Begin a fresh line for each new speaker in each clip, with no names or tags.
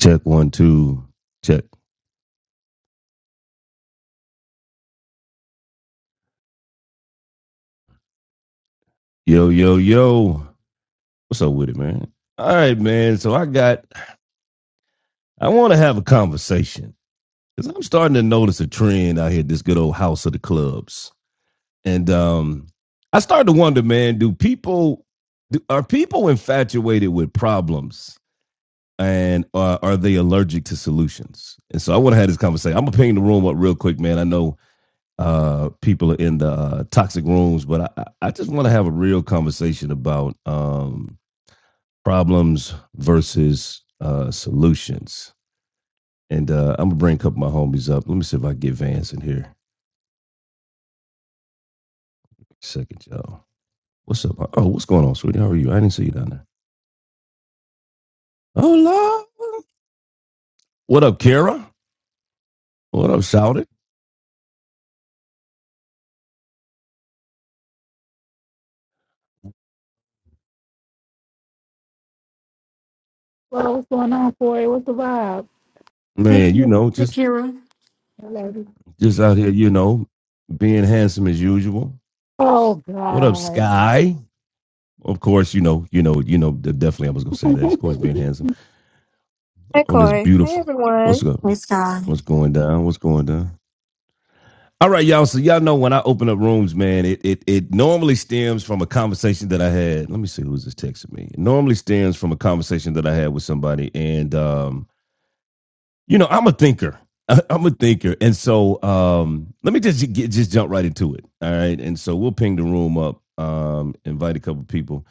Check one, two, check. Yo, yo, yo. What's up with it, man? All right, man. So I got, I want to have a conversation because I'm starting to notice a trend out here, this good old house of the clubs. And um, I started to wonder, man, do people, do, are people infatuated with problems and uh, are they allergic to solutions? And so I want to have this conversation. I'm going to ping the room up real quick, man. I know uh, people are in the uh, toxic rooms, but I, I just want to have a real conversation about um, problems versus uh, solutions. And uh, I'm gonna bring a couple of my homies up. Let me see if I can get Vance in here. Second, y'all. What's up? Oh, what's going on, sweetie? How are you? I didn't see you down there. Oh, love. What up, Kara? What up, Shouted?
Well, what's going on, Corey? What's the vibe?
Hey,
Man, you
Ki-
know,
hey,
just
Kira.
Lady?
just out here, you know, being handsome as usual.
Oh,
What up,
God.
Sky? Of course, you know, you know, you know. Definitely, I was gonna say that. Of course, being handsome
Hi,
on this
Corey. Hey,
beautiful.
everyone.
What's up?
Praise God.
What's going down? What's going down? All right, y'all. So y'all know when I open up rooms, man, it it it normally stems from a conversation that I had. Let me see who's just texting me. It normally stems from a conversation that I had with somebody, and um, you know, I'm a thinker. I- I'm a thinker, and so um, let me just get, just jump right into it. All right, and so we'll ping the room up, um, invite a couple people.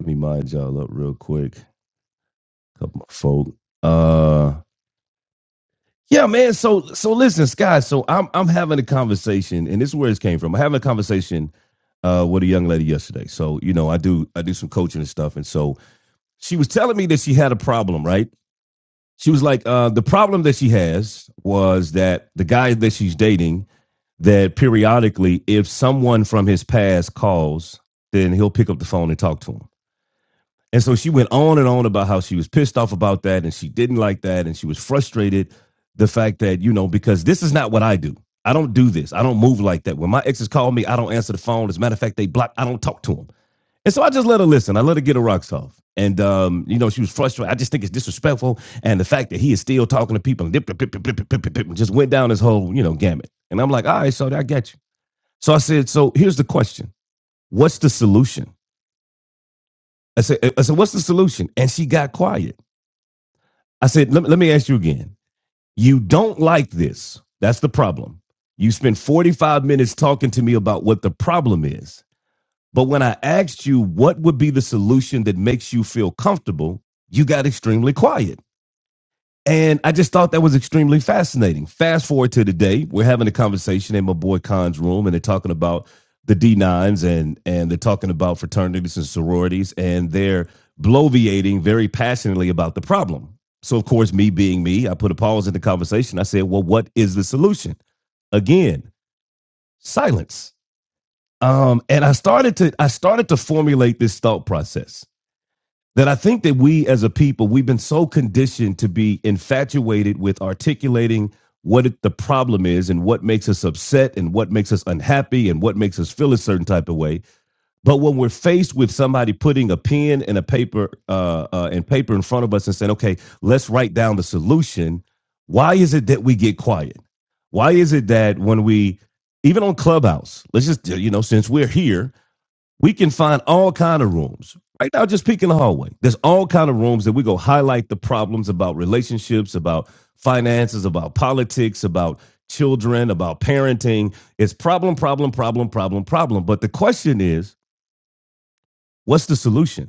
Let me mind y'all up real quick. Come on, folk. Uh yeah, man. So so listen, Sky. So I'm I'm having a conversation, and this is where it came from. I'm having a conversation uh with a young lady yesterday. So, you know, I do I do some coaching and stuff. And so she was telling me that she had a problem, right? She was like, uh, the problem that she has was that the guy that she's dating, that periodically, if someone from his past calls, then he'll pick up the phone and talk to him And so she went on and on about how she was pissed off about that and she didn't like that and she was frustrated the fact that, you know, because this is not what I do. I don't do this. I don't move like that. When my exes call me, I don't answer the phone. As a matter of fact, they block. I don't talk to them. And so I just let her listen. I let her get her rocks off. And um, you know, she was frustrated. I just think it's disrespectful. And the fact that he is still talking to people and just went down this whole, you know, gamut. And I'm like, all right, so I get you. So I said, so here's the question: What's the solution? I said, I said, what's the solution? And she got quiet. I said, let, let me ask you again. You don't like this. That's the problem. You spent 45 minutes talking to me about what the problem is. But when I asked you what would be the solution that makes you feel comfortable, you got extremely quiet. And I just thought that was extremely fascinating. Fast forward to today, we're having a conversation in my boy Khan's room, and they're talking about the D9s and and they're talking about fraternities and sororities, and they're bloviating very passionately about the problem. So, of course, me being me, I put a pause in the conversation. I said, Well, what is the solution? Again, silence. Um, and I started to I started to formulate this thought process that I think that we as a people, we've been so conditioned to be infatuated with articulating what it, the problem is and what makes us upset and what makes us unhappy and what makes us feel a certain type of way. But when we're faced with somebody putting a pen and a paper uh, uh, and paper in front of us and saying, "Okay, let's write down the solution," why is it that we get quiet? Why is it that when we even on Clubhouse, let's just you know, since we're here, we can find all kind of rooms right now just peek in the hallway there's all kind of rooms that we go highlight the problems about relationships about finances about politics about children about parenting it's problem problem problem problem problem but the question is what's the solution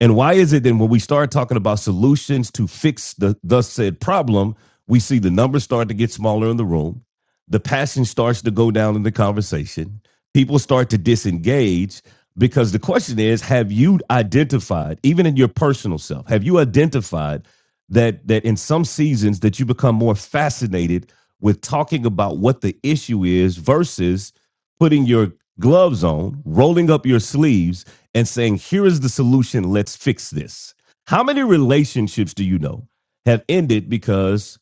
and why is it then when we start talking about solutions to fix the thus said problem, we see the numbers start to get smaller in the room, the passion starts to go down in the conversation, people start to disengage because the question is, have you identified, even in your personal self, have you identified that that in some seasons that you become more fascinated with talking about what the issue is versus putting your gloves on, rolling up your sleeves and saying, here is the solution, let's fix this. How many relationships do you know have ended because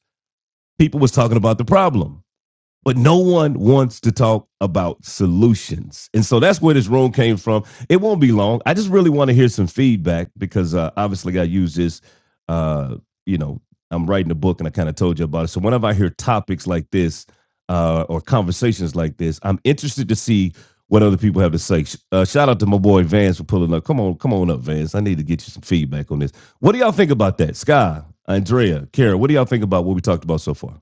people was talking about the problem? but no one wants to talk about solutions. And so that's where this room came from. It won't be long. I just really want to hear some feedback because uh, obviously I use this, uh, you know, I'm writing a book and I kind of told you about it. So whenever I hear topics like this uh, or conversations like this, I'm interested to see what other people have to say. Uh, shout out to my boy Vance for pulling up. Come on, come on up, Vance. I need to get you some feedback on this. What do y'all think about that? Sky, Andrea, Kara, what do y'all think about what we talked about so far?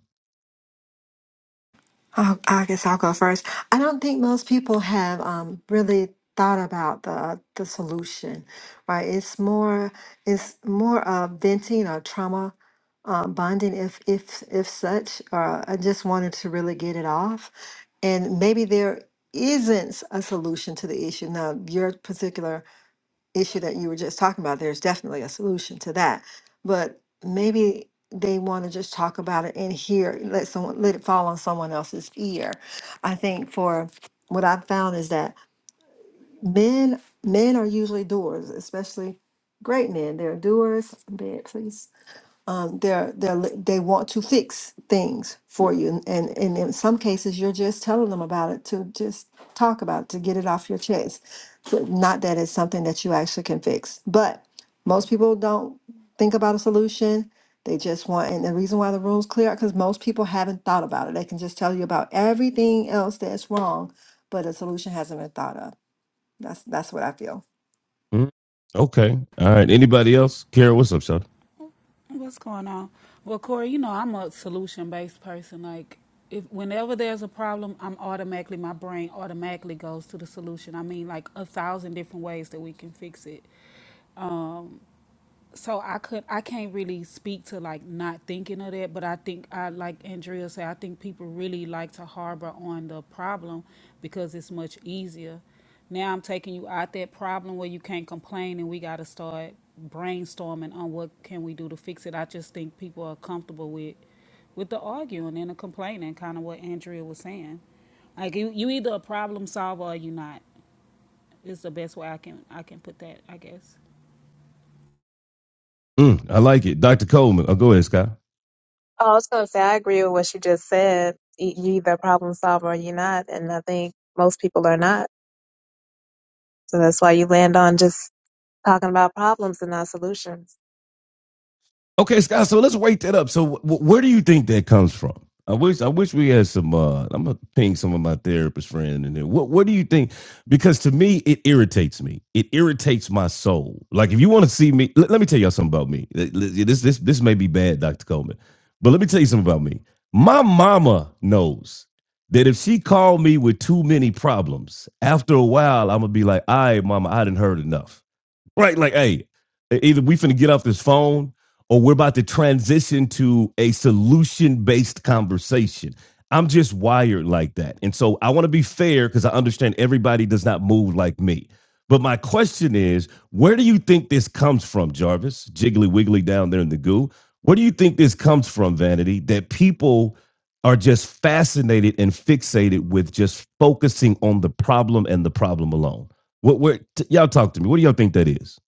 Oh, I guess I'll go first. I don't think most people have um, really thought about the the solution, right? It's more it's more of venting or trauma uh, bonding, if if if such. Or I just wanted to really get it off, and maybe there isn't a solution to the issue. Now, your particular issue that you were just talking about, there's definitely a solution to that. But maybe they want to just talk about it and hear let someone let it fall on someone else's ear. I think for what I've found is that men men are usually doers, especially great men. They're doers. Bed, please um, they're they're li- they want to fix things for you, and and in some cases you're just telling them about it to just talk about it, to get it off your chest. So not that it's something that you actually can fix, but most people don't think about a solution. They just want, and the reason why the room's clear because most people haven't thought about it. They can just tell you about everything else that's wrong, but a solution hasn't been thought of. That's that's what I feel.
Mm, Okay. All right. Anybody else? Kara, what's up, Sean? Mm, I like it. Dr. Coleman. Oh, go ahead, Scott.
Oh, I was going to say, I agree with what you just said. You you either a problem solver or you're not. And I think most people are not. So that's why you land on just talking about problems and not solutions.
Okay, Scott. So let's wake that up. So wh- where do you think that comes from? I wish I wish we had some. Uh, I'm gonna ping some of my therapist friend in there. What What do you think? Because to me, it irritates me. It irritates my soul. Like if you want to see me, let, let me tell y'all something about me. This this this may be bad, Doctor Coleman, but let me tell you something about me. My mama knows that if she called me with too many problems, after a while, I'm gonna be like, "All right, mama, I didn't heard enough." right? Like, hey, e, either we finna get off this phone or we're about to transition to a solution based conversation. I'm just wired like that. And so I want to be fair because I understand everybody does not move like me. But my question is, where do you think this comes from, Jarvis? Jiggly wiggly down there in the goo. Where do you think this comes from, Vanity? That people are just fascinated and fixated with just focusing on the problem and the problem alone. What? Where? T- y'all talk to me. What do y'all think that is?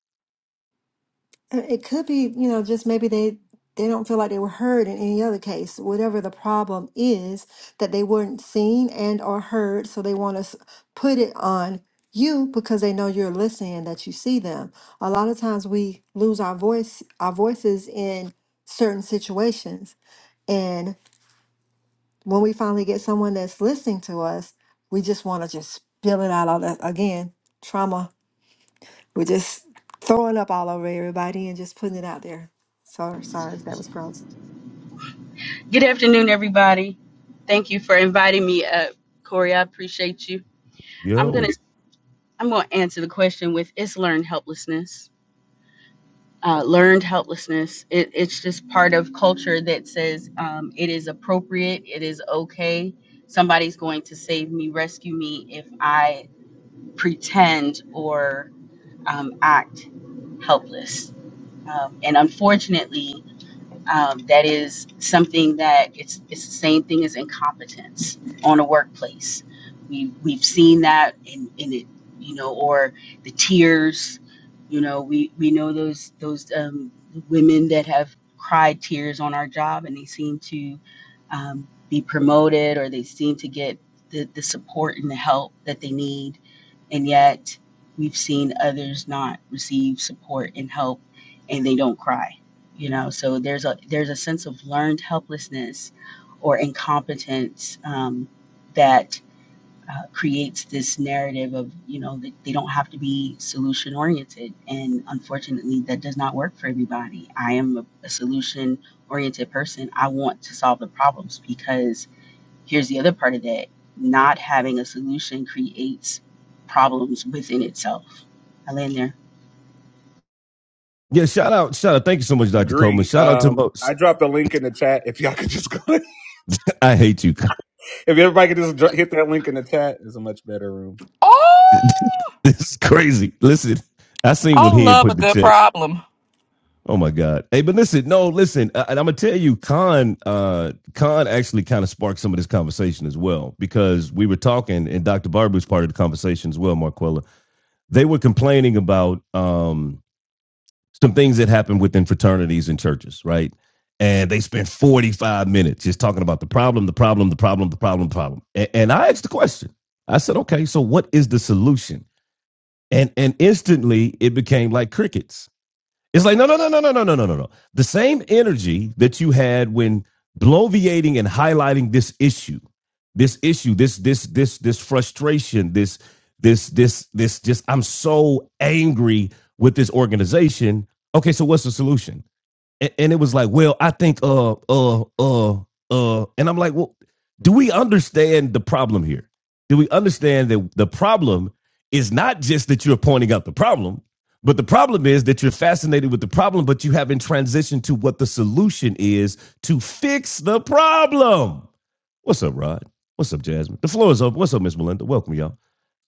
Uh, It could be, you know, just maybe they they don't feel like they were heard in any other case, whatever the problem is, that they weren't seen and or heard, so they want to s- put it on you because they know you're listening and that you see them. A lot of times we lose our voice, our voices in certain situations, and when we finally get someone that's listening to us, we just want to just spill it out all that again. Trauma we're just throwing up all over everybody and just putting it out there. So sorry if that was gross.
Good afternoon, everybody. Thank you for inviting me up, Corey. I appreciate you. I'm gonna
Yo.
I'm gonna answer the question with it's learned helplessness. Uh, learned helplessness. It, it's just part of culture that says um, it is appropriate. It is okay. Somebody's going to save me, rescue me if I pretend or um, act helpless. Um, and unfortunately, Um, that is something that it's it's the same thing as incompetence on a workplace. We we've seen that in, in it, you know, or the tears. You know, we we know those those um, women that have cried tears on our job, and they seem to um, be promoted, or they seem to get the, the support and the help that they need, and yet we've seen others not receive support and help, and they don't cry you know so there's a there's a sense of learned helplessness or incompetence um, that uh, creates this narrative of you know that they don't have to be solution oriented and unfortunately that does not work for everybody i am a, a solution oriented person i want to solve the problems because here's the other part of that not having a solution creates problems within itself i land there
Yeah. Shout out. Shout out. Thank you so much, Doctor Coleman.
Agree.
Shout out to
Um,
Mo.
I dropped a link in the chat. If y'all could just go, if
I hate you.
everybody could just dr- hit that link in the chat, it's a much better room.
this
Oh,
is crazy. Listen, I seen
I
what he had
love
put
a
in the
good
chat.
problem.
Oh my God. Hey, but listen. No, listen. I, and I'm gonna tell you, Khan. Uh, Khan actually kind of sparked some of this conversation as well because we were talking, and Doctor Barber was part of the conversation as well, Marquella. They were complaining about um some things that happen within fraternities and churches, right? And they spent 45 minutes just talking about the problem, the problem, the problem, the problem, the problem. And, and I asked the question. I said, okay, so what is the solution? And and instantly it became like crickets. It's like, no, no, no, no, no, no, no, no, no, no. The same energy that you had when bloviating and highlighting this issue, this issue, this, this, this, this frustration, this, this, this, this, just, I'm so angry with this organization. Okay, so what's the solution? and, and it was like, well, I think uh uh uh uh, and I'm like, well, do we understand the problem here? Do we understand that the problem is not just that you're pointing out the problem, but the problem is that you're fascinated with the problem, but you haven't transitioned to what the solution is to fix the problem. What's up, Rod? What's up, Jasmine? The floor is open. What's up, Miss Melinda? Welcome, y'all.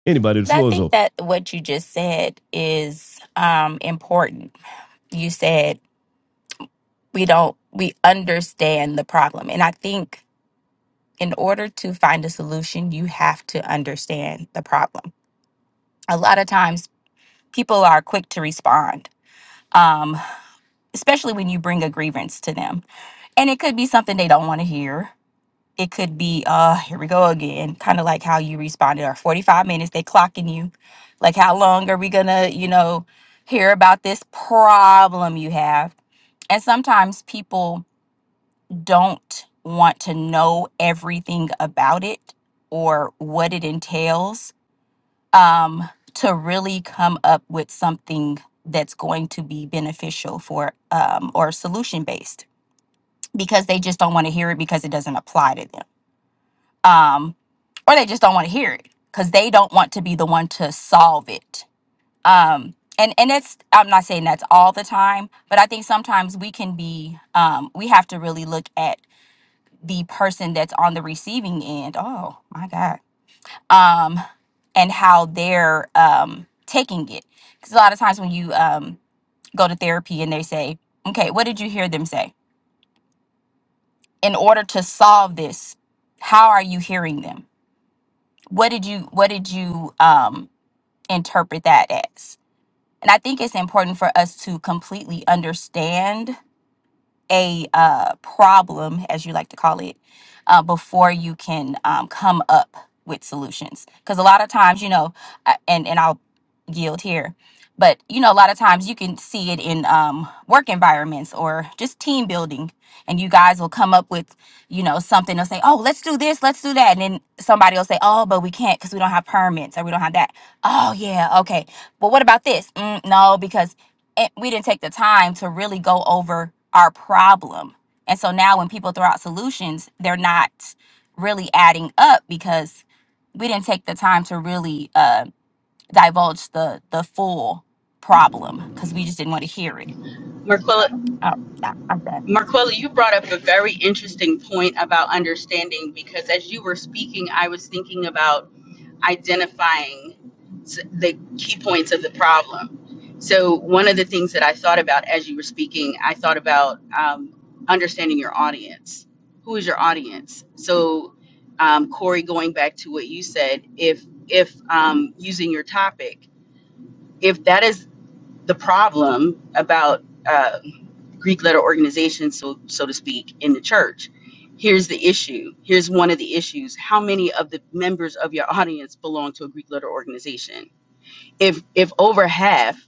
Anybody, the
But I
floor is
think
open.
that what you just said is um, important. You said we don't, we understand the problem. And I think in order to find a solution, you have to understand the problem. A lot of times people are quick to respond, um, especially when you bring a grievance to them. And it could be something they don't want to hear. It could be, uh, here we go again, kind of like how you responded, or 45 minutes, they clocking you. Like, how long are we gonna, you know, hear about this problem you have? And sometimes people don't want to know everything about it or what it entails um, to really come up with something that's going to be beneficial for um, or solution based because they just don't want to hear it because it doesn't apply to them um, or they just don't want to hear it because they don't want to be the one to solve it. Um, and and it's I'm not saying that's all the time, but I think sometimes we can be um, we have to really look at the person that's on the receiving end. Oh my God. Um, and how they're um, taking it. Because a lot of times when you um, go to therapy and they say, okay, what did you hear them say? In order to solve this, how are you hearing them? What did you What did you um, interpret that as. And I think it's important for us to completely understand a uh, problem, as you like to call it, uh, before you can um, come up with solutions. Because a lot of times, you know, I- and and I'll yield here, but you know, a lot of times you can see it in um, work environments or just team building, and you guys will come up with, you know, something. They'll say, "Oh, let's do this, let's do that," and then somebody will say, "Oh, but we can't because we don't have permits or we don't have that." Oh yeah, okay. But what about this? Mm, no, because and we didn't take the time to really go over our problem. And so now when people throw out solutions, they're not really adding up because we didn't take the time to really uh, divulge the the full problem because we just didn't want to hear it.
Marquella,
Oh, I- I'm done.
Marquella, you brought up a very interesting point about understanding because as you were speaking, I was thinking about identifying s- the key points of the problem. So, one of the things that I thought about as you were speaking, I thought about um, understanding your audience. Who is your audience? So, um, Corey, going back to what you said, if if um, using your topic, if that is the problem about uh, Greek letter organization, so so to speak, in the church. Here's the issue. Here's one of the issues. How many of the members of your audience belong to a Greek letter organization? if if over half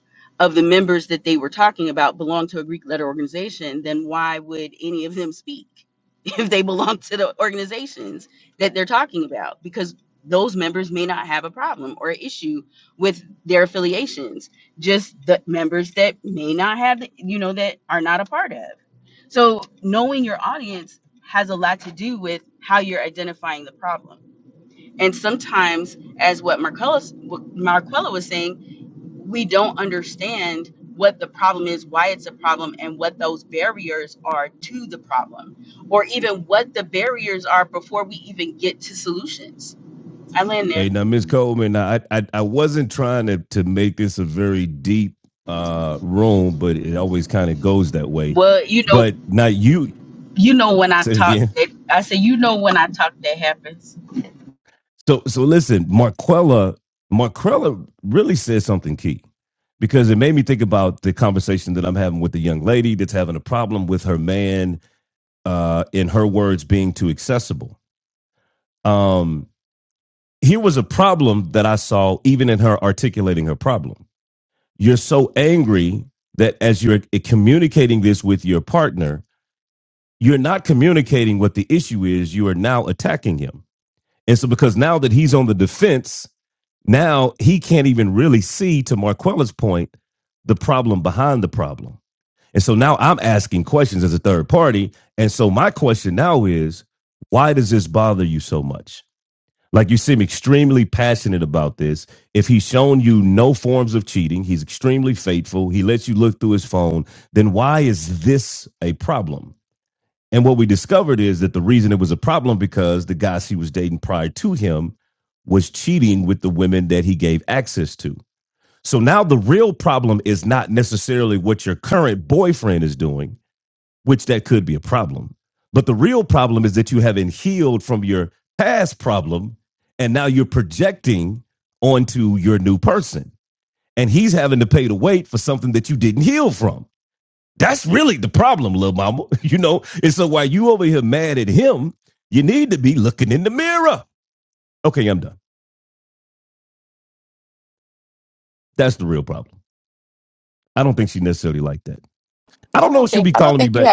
of the members that they were talking about belong to a Greek letter organization, then why would any of them speak if they belong to the organizations that they're talking about? Because those members may not have a problem or issue with their affiliations, just the members that may not have, the- you know, that are not a part of. So knowing your audience has a lot to do with how you're identifying the problem. And sometimes, as what Marcellus, what Marquella was saying, we don't understand what the problem is, why it's a problem, and what those barriers are to the problem, or even what the barriers are before we even get to solutions. I land
Hey,
there.
now Miss Coleman, now, I, I I wasn't trying to to make this a very deep uh room, but it always kind of goes that way.
Well, you know,
But now you
you know when I
say it
talk
again.
that I say, you know when I talk that happens,
So so listen, Marquella Marquella really said something key because it made me think about the conversation that I'm having with the young lady that's having a problem with her man, uh, in her words, being too accessible. Um, here was a problem that I saw even in her articulating her problem you're so angry that as you're communicating this with your partner, you're not communicating what the issue is. You are now attacking him. And so, because now that he's on the defense, now he can't even really see, to Marquella's point, the problem behind the problem. And so now I'm asking questions as a third party. And so, my question now is why does this bother you so much? Like you seem extremely passionate about this. If he's shown you no forms of cheating, he's extremely faithful, he lets you look through his phone, then why is this a problem? And what we discovered is that the reason it was a problem because the guys he was dating prior to him was cheating with the women that he gave access to. So now the real problem is not necessarily what your current boyfriend is doing which that could be a problem. But the real problem is that you haven't healed from your past problem and now you're projecting onto your new person. And he's having to pay the weight for something that you didn't heal from. That's really the problem, little mama. You know, and so while you over here mad at him, you need to be looking in the mirror. Okay, I'm done. That's the real problem. I don't think she necessarily liked that. I don't know if she'll be calling me back.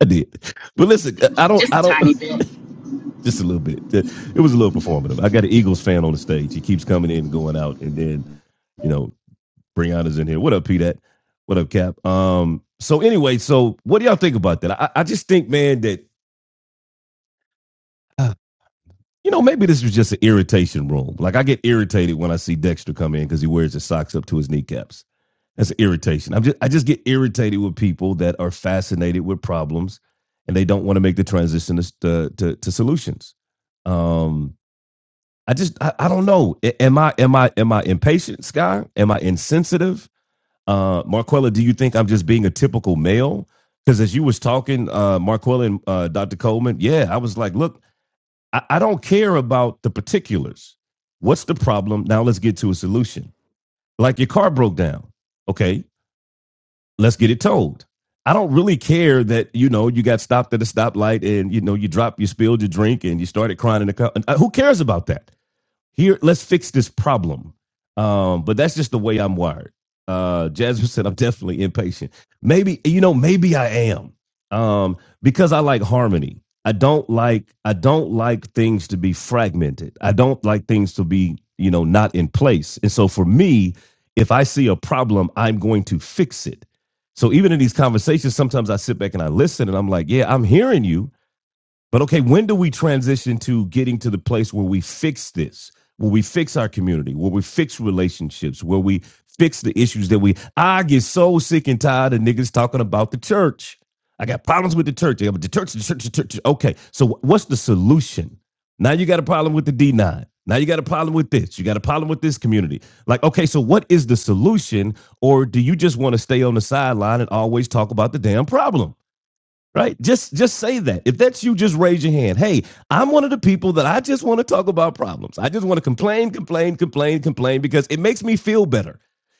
I did. But listen, I don't
just a
I don't
tiny bit.
just a little bit. It was a little performative. I got an Eagles fan on the stage. He keeps coming in and going out, and then you know, Brianna's in here. What up, Pete? What up, Cap? Um. So anyway, so what do y'all think about that? I, I just think, man, that uh, you know, maybe this was just an irritation room. Like I get irritated when I see Dexter come in because he wears his socks up to his kneecaps. That's an irritation. I'm just I just get irritated with people that are fascinated with problems and they don't want to make the transition to to, to solutions. Um, I just I, I don't know. Am I am I am I impatient, Sky? Am I insensitive? Uh Marquella, do you think I'm just being a typical male? Because as you was talking, uh Marquella and uh Dr. Coleman, yeah, I was like, look, I, I don't care about the particulars. What's the problem? Now let's get to a solution. Like your car broke down. Okay, let's get it towed. I don't really care that you know you got stopped at a stoplight and you know you dropped, you spilled your drink, and you started crying in the car. Uh, Who cares about that? here let's fix this problem um but that's just the way i'm wired uh jasmine said i'm definitely impatient maybe you know maybe i am um because i like harmony i don't like i don't like things to be fragmented i don't like things to be you know not in place and so for me if i see a problem i'm going to fix it so even in these conversations sometimes i sit back and i listen and i'm like yeah i'm hearing you but okay, when do we transition to getting to the place where we fix this, where we fix our community, where we fix relationships, where we fix the issues that we. I get so sick and tired of niggas talking about the church. I got problems with the church. I got the church, the church, the church. Okay, so what's the solution? Now you got a problem with the D9. Now you got a problem with this. You got a problem with this community. Like, okay, so what is the solution? Or do you just want to stay on the sideline and always talk about the damn problem? right just just say that if that's you just raise your hand hey i'm one of the people that i just want to talk about problems i just want to complain complain complain complain because it makes me feel better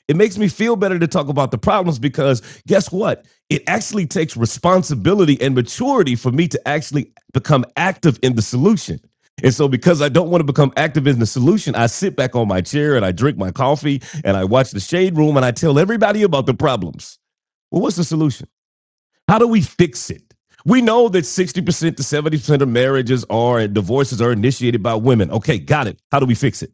it makes me feel better to talk about the problems because guess what it actually takes responsibility and maturity for me to actually become active in the solution and so because i don't want to become active in the solution i sit back on my chair and i drink my coffee and i watch the shade room and i tell everybody about the problems well what's the solution how do we fix it? We know that 60% to 70% of marriages are and divorces are initiated by women. Okay, got it. How do we fix it?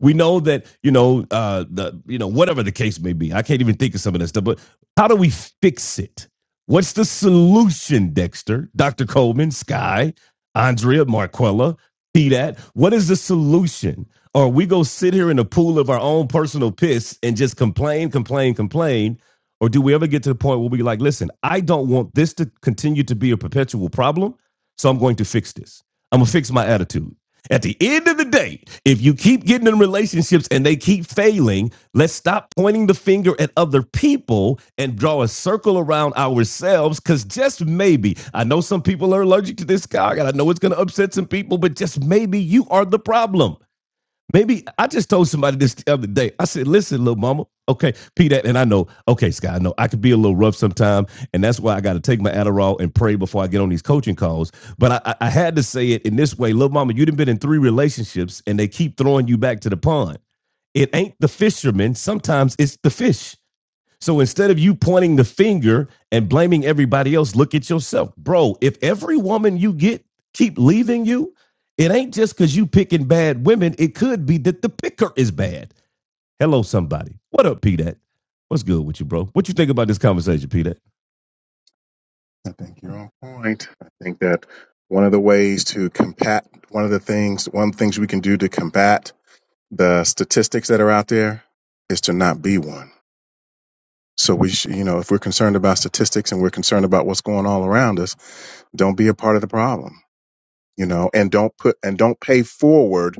We know that you know uh, the you know whatever the case may be. I can't even think of some of this stuff. But how do we fix it? What's the solution, Dexter, Doctor Coleman, Sky, Andrea, Marquella, Pdat? What is the solution? Or we go sit here in a pool of our own personal piss and just complain, complain, complain. Or do we ever get to the point where we like, listen, I don't want this to continue to be a perpetual problem, so I'm going to fix this. I'm gonna fix my attitude. At the end of the day, if you keep getting in relationships and they keep failing, let's stop pointing the finger at other people and draw a circle around ourselves. Because just maybe, I know some people are allergic to this guy, and I know it's going to upset some people, but just maybe you are the problem. Maybe I just told somebody this the other day. I said, listen, little mama. Okay, Peter, and I know, okay, Sky, I know I could be a little rough sometime, and that's why I got to take my Adderall and pray before I get on these coaching calls. But I, I, had to say it in this way, little mama, you've been in three relationships, and they keep throwing you back to the pond. It ain't the fisherman. Sometimes it's the fish. So instead of you pointing the finger and blaming everybody else, look at yourself. Bro, if every woman you get keep leaving you, it ain't just because you picking bad women. It could be that the picker is bad. Hello, somebody. What up, P Dat? What's good with you, bro? What you think about this conversation, P Dat?
I think you're on point. I think that one of the ways to combat, one of the things, one of the things we can do to combat the statistics that are out there is to not be one. So we, sh- you know, if we're concerned about statistics and we're concerned about what's going all around us, don't be a part of the problem, you know, and don't put and don't pay forward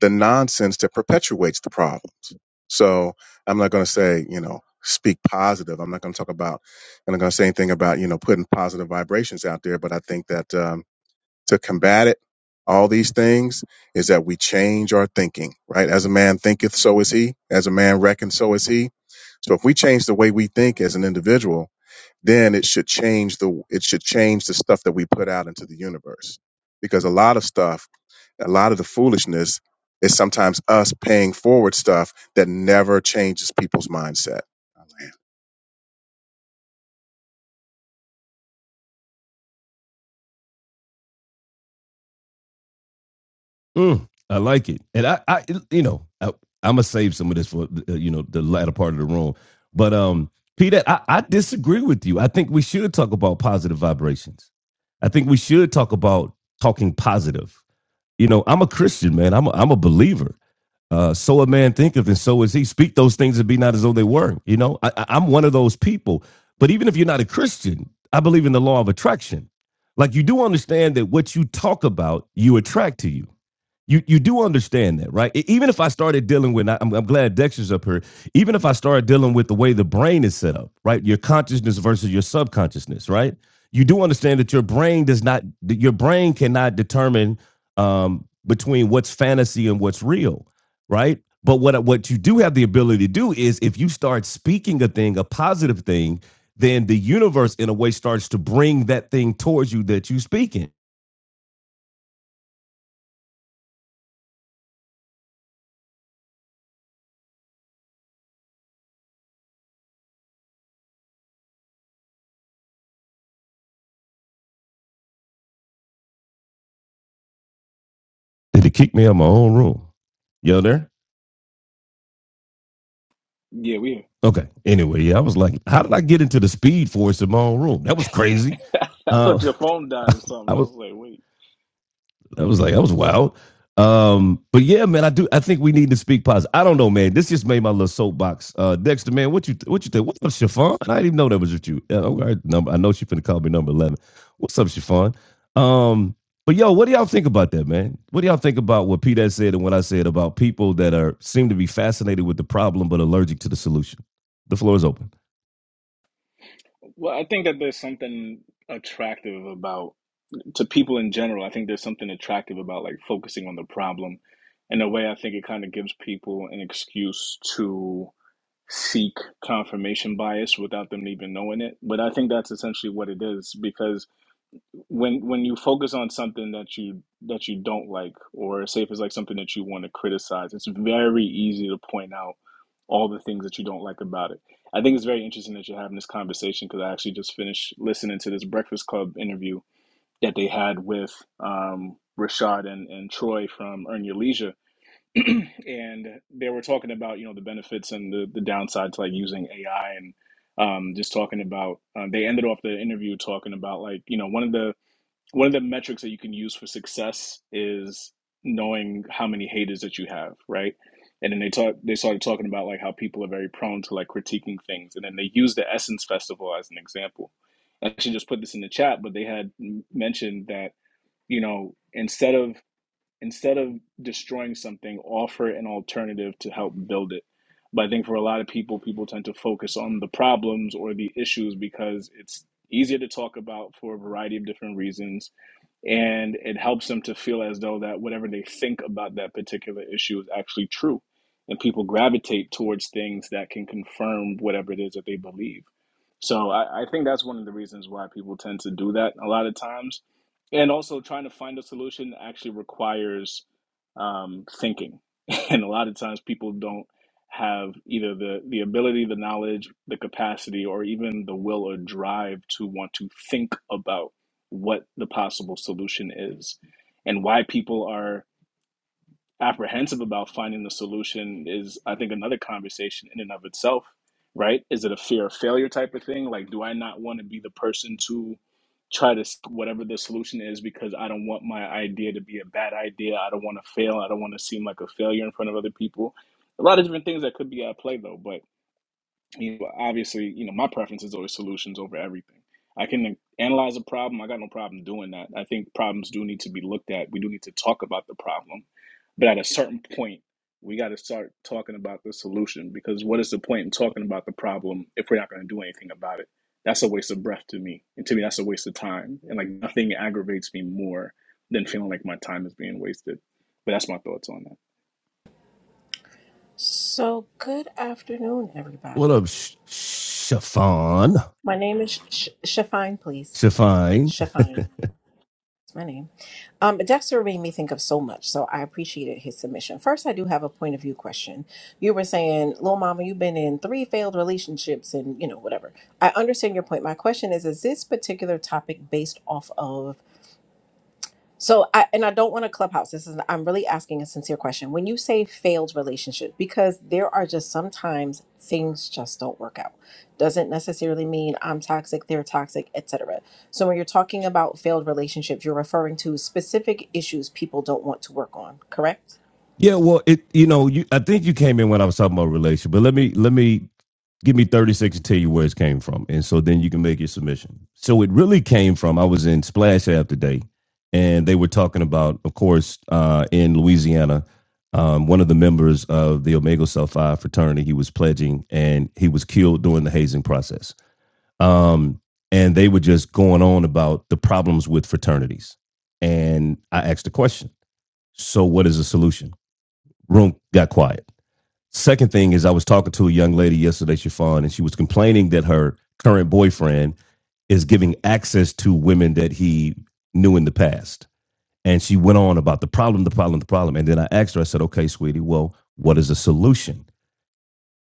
the nonsense that perpetuates the problems. So I'm not going to say, you know, speak positive. I'm not going to talk about, I'm not going to say anything about, you know, putting positive vibrations out there. But I think that. Um, to combat it, all these things, is that we change our thinking, right? As a man thinketh, so is he. As a man reckons, so is he. So if we change the way we think as an individual, then it should change the it should change the stuff that we put out into the universe. Because a lot of stuff, a lot of the foolishness is sometimes us paying forward stuff that never changes people's mindset.
Mm, I like it, and I, I you know, I, I'm gonna save some of this for uh, you know the latter part of the room. But um, Peter, I, I disagree with you. I think we should talk about positive vibrations. I think we should talk about talking positive. You know, I'm a Christian man. I'm a, I'm a believer. Uh, so a man thinketh, and so is he. Speak those things that be not as though they were. You know, I, I- I'm one of those people. But even if you're not a Christian, I believe in the law of attraction. Like you do understand that what you talk about, you attract to you you you do understand that, right? E- Even if I started dealing with, I'm, I'm glad Dexter's up here. Even if I started dealing with the way the brain is set up, right? Your consciousness versus your subconsciousness, right? You do understand that your brain does not, that your brain cannot determine um, between what's fantasy and what's real, right? But what what you do have the ability to do is if you start speaking a thing, a positive thing, then the universe in a way starts to bring that thing towards you that you speak in. Did he kick me out of my own room? You there?
Yeah, we.
Okay. Anyway, yeah, I was like, how did I get into the speed force in my own room? That was crazy.
I
Uh,
thought your phone died or
I
something. I
was
was like, wait.
I was like, that was wild. Um, but yeah, man, I do. I think we need to speak positive. I don't know, man. This just made my little soapbox. Uh, Dexter, man, what you th- what you think? What's up, Chiffon? I didn't even know that was with you. Uh, okay, number. I know she finna call me number eleven. What's up, Chiffon? Um, but yo, what do y'all think about that, man? What do y'all think about what Pete said and what I said about people that are seem to be fascinated with the problem but allergic to the solution? The floor is open.
Well, I think that there's something attractive about to people in general. I think there's something attractive about like focusing on the problem. In a way, I think it kind of gives people an excuse to seek confirmation bias without them even knowing it. But I think that's essentially what it is because when when you focus on something that you that you don't like or say if it's like something that you want to criticize it's very easy to point out all the things that you don't like about it i think it's very interesting that you're having this conversation because i actually just finished listening to this breakfast club interview that they had with um, rashad and, and troy from earn your leisure and they were talking about you know the benefits and the, the downside to like using ai and um, just talking about um, they ended off the interview talking about like you know one of the one of the metrics that you can use for success is knowing how many haters that you have, right? And then they talk they started talking about like how people are very prone to like critiquing things. And then they use the Essence Festival as an example. I actually just put this in the chat, but they had mentioned that, you know, instead of instead of destroying something, offer an alternative to help build it. But I think for a lot of people, people tend to focus on the problems or the issues because it's easier to talk about for a variety of different reasons and it helps them to feel as though that whatever they think about that particular issue is actually true and people gravitate towards things that can confirm whatever it is that they believe so i, I think that's one of the reasons why people tend to do that a lot of times and also trying to find a solution actually requires um, thinking and a lot of times people don't have either the the ability the knowledge the capacity or even the will or drive to want to think about what the possible solution is and why people are apprehensive about finding the solution is i think another conversation in and of itself right is it a fear of failure type of thing like do i not want to be the person to try to s- whatever the solution is because i don't want my idea to be a bad idea i don't want to fail i don't want to seem like a failure in front of other people a lot of different things that could be at play though but you know, obviously, you know, my preference is always solutions over everything. I can analyze a problem. I got no problem doing that. I think problems do need to be looked at. We do need to talk about the problem, but at a certain point, we got to start talking about the solution because what is the point in talking about the problem if we're not going to do anything about it? That's a waste of breath to me, and to me, that's a waste of time. And like nothing aggravates me more than feeling like my time is being wasted. But that's my thoughts on that.
So, good afternoon,
What
everybody.
up, Sh- Chiffon?
My name is Sh- Shafine, please.
Chiffon.
Shafine. That's my name. Um, Dexter made me think of so much, so I appreciated his submission. First, I do have a point of view question. You were saying, Lil Mama, you've been in three failed relationships and, you know, whatever. I understand your point. My question is, is this particular topic based off of So I and I don't want to clubhouse. This is I'm really asking a sincere question. When you say failed relationship, because there are just sometimes things just don't work out. Doesn't necessarily mean I'm toxic, they're toxic, etc. So when you're talking about failed relationships, you're referring to specific issues people don't want to work on, correct?
Yeah, well, it you know, you I think you came in when I was talking about relation, but let me let me give me 30 seconds to tell you where it came from. And so then you can make your submission. So it really came from I was in Splash App today, and they were talking about, of course, uh, in Louisiana, um, one of the members of the Omega Psi Phi fraternity, he was pledging and he was killed during the hazing process. Um, and they were just going on about the problems with fraternities. And I asked a question. So what is the solution? Room got quiet. Second thing is, I was talking to a young lady yesterday, Chiffon, and she was complaining that her current boyfriend is giving access to women that he knew in the past. And she went on about the problem, the problem, the problem. And then I asked her, I said, okay, sweetie, well, what is the solution?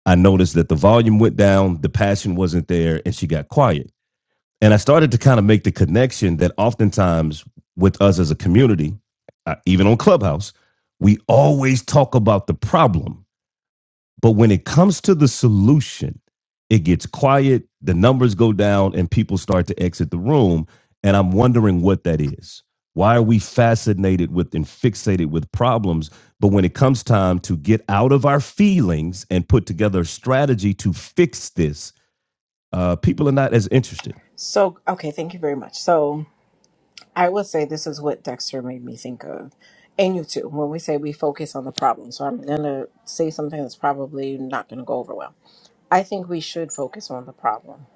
I noticed that the volume went down, the passion wasn't there, and she got quiet. And I started to kind of make the connection that oftentimes with us as a community, uh, even on Clubhouse, we always talk about the problem but when it comes to the solution, it gets quiet, the numbers go down, and people start to exit the room. And I'm wondering what that is. Why are we fascinated with and fixated with problems? But when it comes time to get out of our feelings and put together a strategy to fix this, uh, people are not as interested.
So okay, thank you very much. So I will say this is what Dexter made me think of. And you too, when we say we focus on the problem. So I'm gonna say something that's probably not gonna go over well. I think we should focus on the problem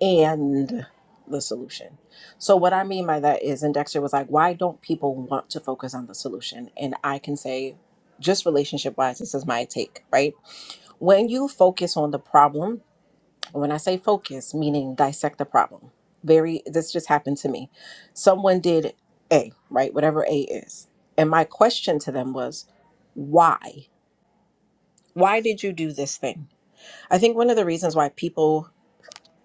and the solution. So, what I mean by that is, and Dexter was like, why don't people want to focus on the solution? And I can say, just relationship wise, this is my take, right? When you focus on the problem, and when I say focus, meaning dissect the problem, very, this just happened to me. Someone did A, right? Whatever A is. And my question to them was, why? Why did you do this thing? I think one of the reasons why people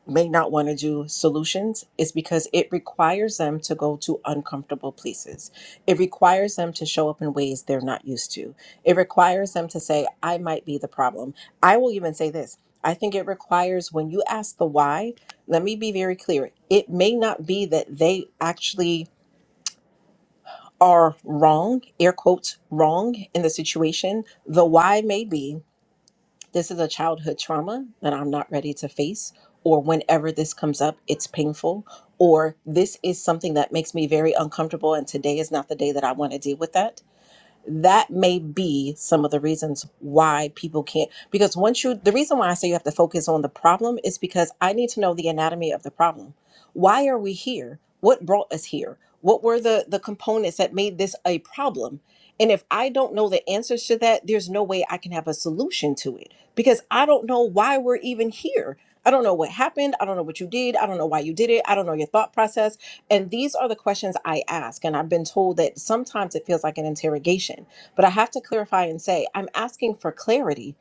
may not want to do solutions is because it requires them to go to uncomfortable places. It requires them to show up in ways they're not used to. It requires them to say, I might be the problem. I will even say this I think it requires when you ask the why, let me be very clear. It may not be that they actually are wrong, air quotes, wrong in the situation. The why may be. This is a childhood trauma that I'm not ready to face, or whenever this comes up, it's painful, or this is something that makes me very uncomfortable, and today is not the day that I want to deal with that that may be some of the reasons why people can't because once you the reason why I say you have to focus on the problem is because I need to know the anatomy of the problem. Why are we here? What brought us here? What were the the components that made this a problem? And if I don't know the answers to that, there's no way I can have a solution to it because I don't know why we're even here. I don't know what happened. I don't know what you did. I don't know why you did it. I don't know your thought process. And these are the questions I ask. And I've been told that sometimes it feels like an interrogation, but I have to clarify and say, I'm asking for clarity.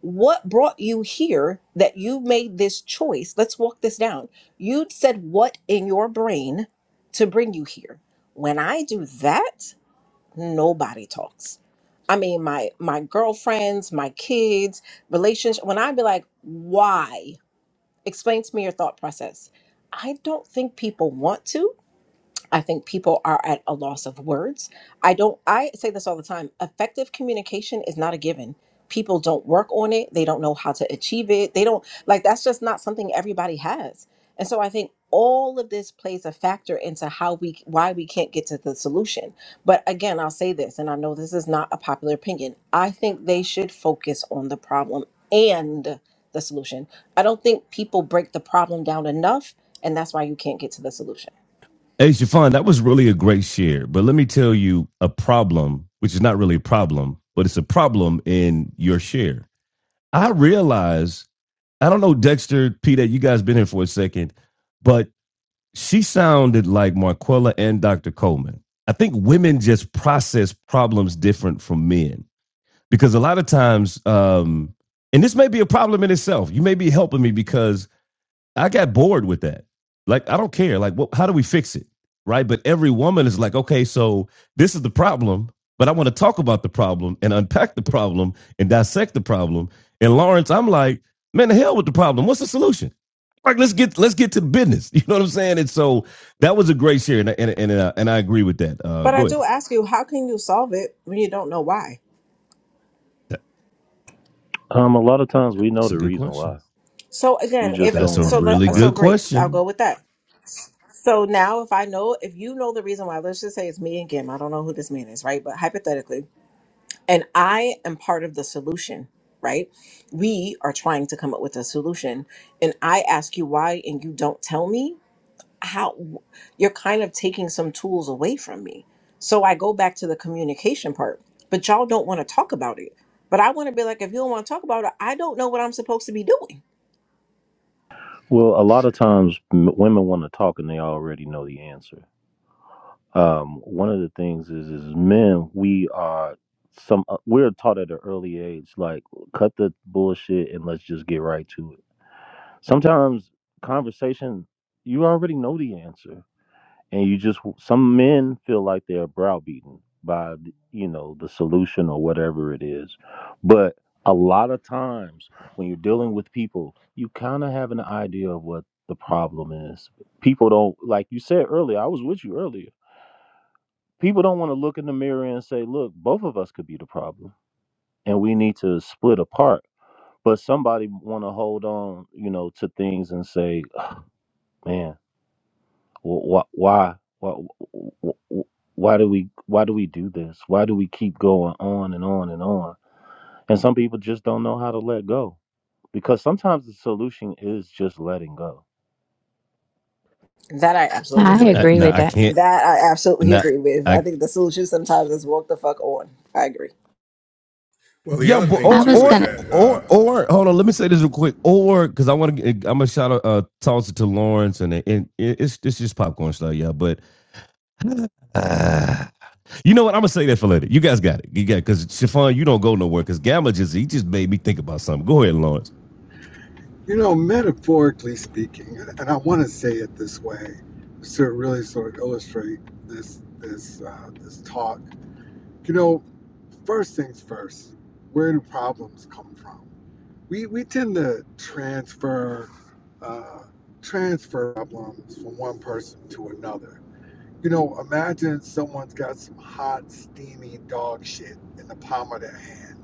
What brought you here that you made this choice? Let's walk this down. You said what in your brain to bring you here. When I do that, nobody talks. I mean, my my girlfriends, my kids, relationship. When I be like, why? Explain to me your thought process. I don't think people want to. I think people are at a loss of words. I don't I say this all the time. Effective communication is not a given. People don't work on it. They don't know how to achieve it. They don't like that's just not something everybody has. And so I think all of this plays a factor into how we why we can't get to the solution. But again, I'll say this and I know this is not a popular opinion. I think they should focus on the problem and the solution. I don't think people break the problem down enough and that's why you can't get to the solution.
Hey, Shafan, that was really a great share. But let me tell you a problem, which is not really a problem, but it's a problem in your share I realize, I don't know, Dexter, Peter, you guys been here for a second, but she sounded like Marquella and Dr. Coleman. I think women just process problems different from men because a lot of times, um, and this may be a problem in itself. You may be helping me because I got bored with that. Like, I don't care. Like, what, how do we fix it? Right. But every woman is like, okay, so this is the problem, but I want to talk about the problem and unpack the problem and dissect the problem. And Lawrence, I'm like, man, the hell with the problem. What's the solution? Like, let's get let's get to business. You know what I'm saying? And so that was a great share, and and and, uh, and I agree with that. Uh,
But I
go
do
ahead.
ask you, how can you solve it when you don't know why?
That-
Um, a lot of times we know
That's a
the
good
reason
question.
why.
So
You
again, if
just
That's
don't
a
want
so,
to
really
let,
confront.
so
good
great. I'll go
question.
with that. So now, if I know, if you know the reason why, let's just say it's me and Gim. I don't know who this man is, right? But hypothetically, and I am part of the solution, right? We are trying to come up with a solution, and I ask you why, and you don't tell me. how you're kind of taking some tools away from me. So I go back to the communication part, but y'all don't want to talk about it. But I want to be like, if you don't want to talk about it, I don't know what I'm supposed to be doing.
Well, a lot of times m- women want to talk and they already know the answer. Um, one of the things is, is men we are some uh, we're taught at an early age like cut the bullshit and let's just get right to it. Sometimes conversation you already know the answer. and you just some men feel like they're browbeaten by you know the solution or whatever it is but a lot of times when you're dealing with people you kind of have an idea of what the problem is people don't like you said earlier i was with you earlier people don't want to look in the mirror and say look both of us could be the problem and we need to split apart but somebody want to hold on you know to things and say man why why why why do we why do we do this why do we keep going on and on and on and some people just don't know how to let go because sometimes the solution is just letting go
That I absolutely
I
agree
Uh,
with.
agree
now
with
I
that.
can't.
That I absolutely
Not.
agree with.
I.
I think the solution sometimes is walk the fuck on. I agree.
Well, the
Yeah,
other
but
thing
I
or
was
too is
or
gonna
that uh,
or or hold on, let me say this real quick. Or because I want to, I'm gonna shout out, uh, toss it to Lawrence, and, it, and it- it's it's just popcorn style, yeah. But uh, you know what? I'm gonna say that for later. You guys got it. You got because Chiffon, you don't go nowhere. Because Gamma just he just made me think about something. Go ahead, Lawrence,
You know, metaphorically speaking, and I want to say it this way to really sort of illustrate this this uh, this talk. You know, first things first, where do problems come from? We we tend to transfer uh, transfer problems from one person to another. You know, imagine someone's got some hot, steamy dog shit in the palm of their hand,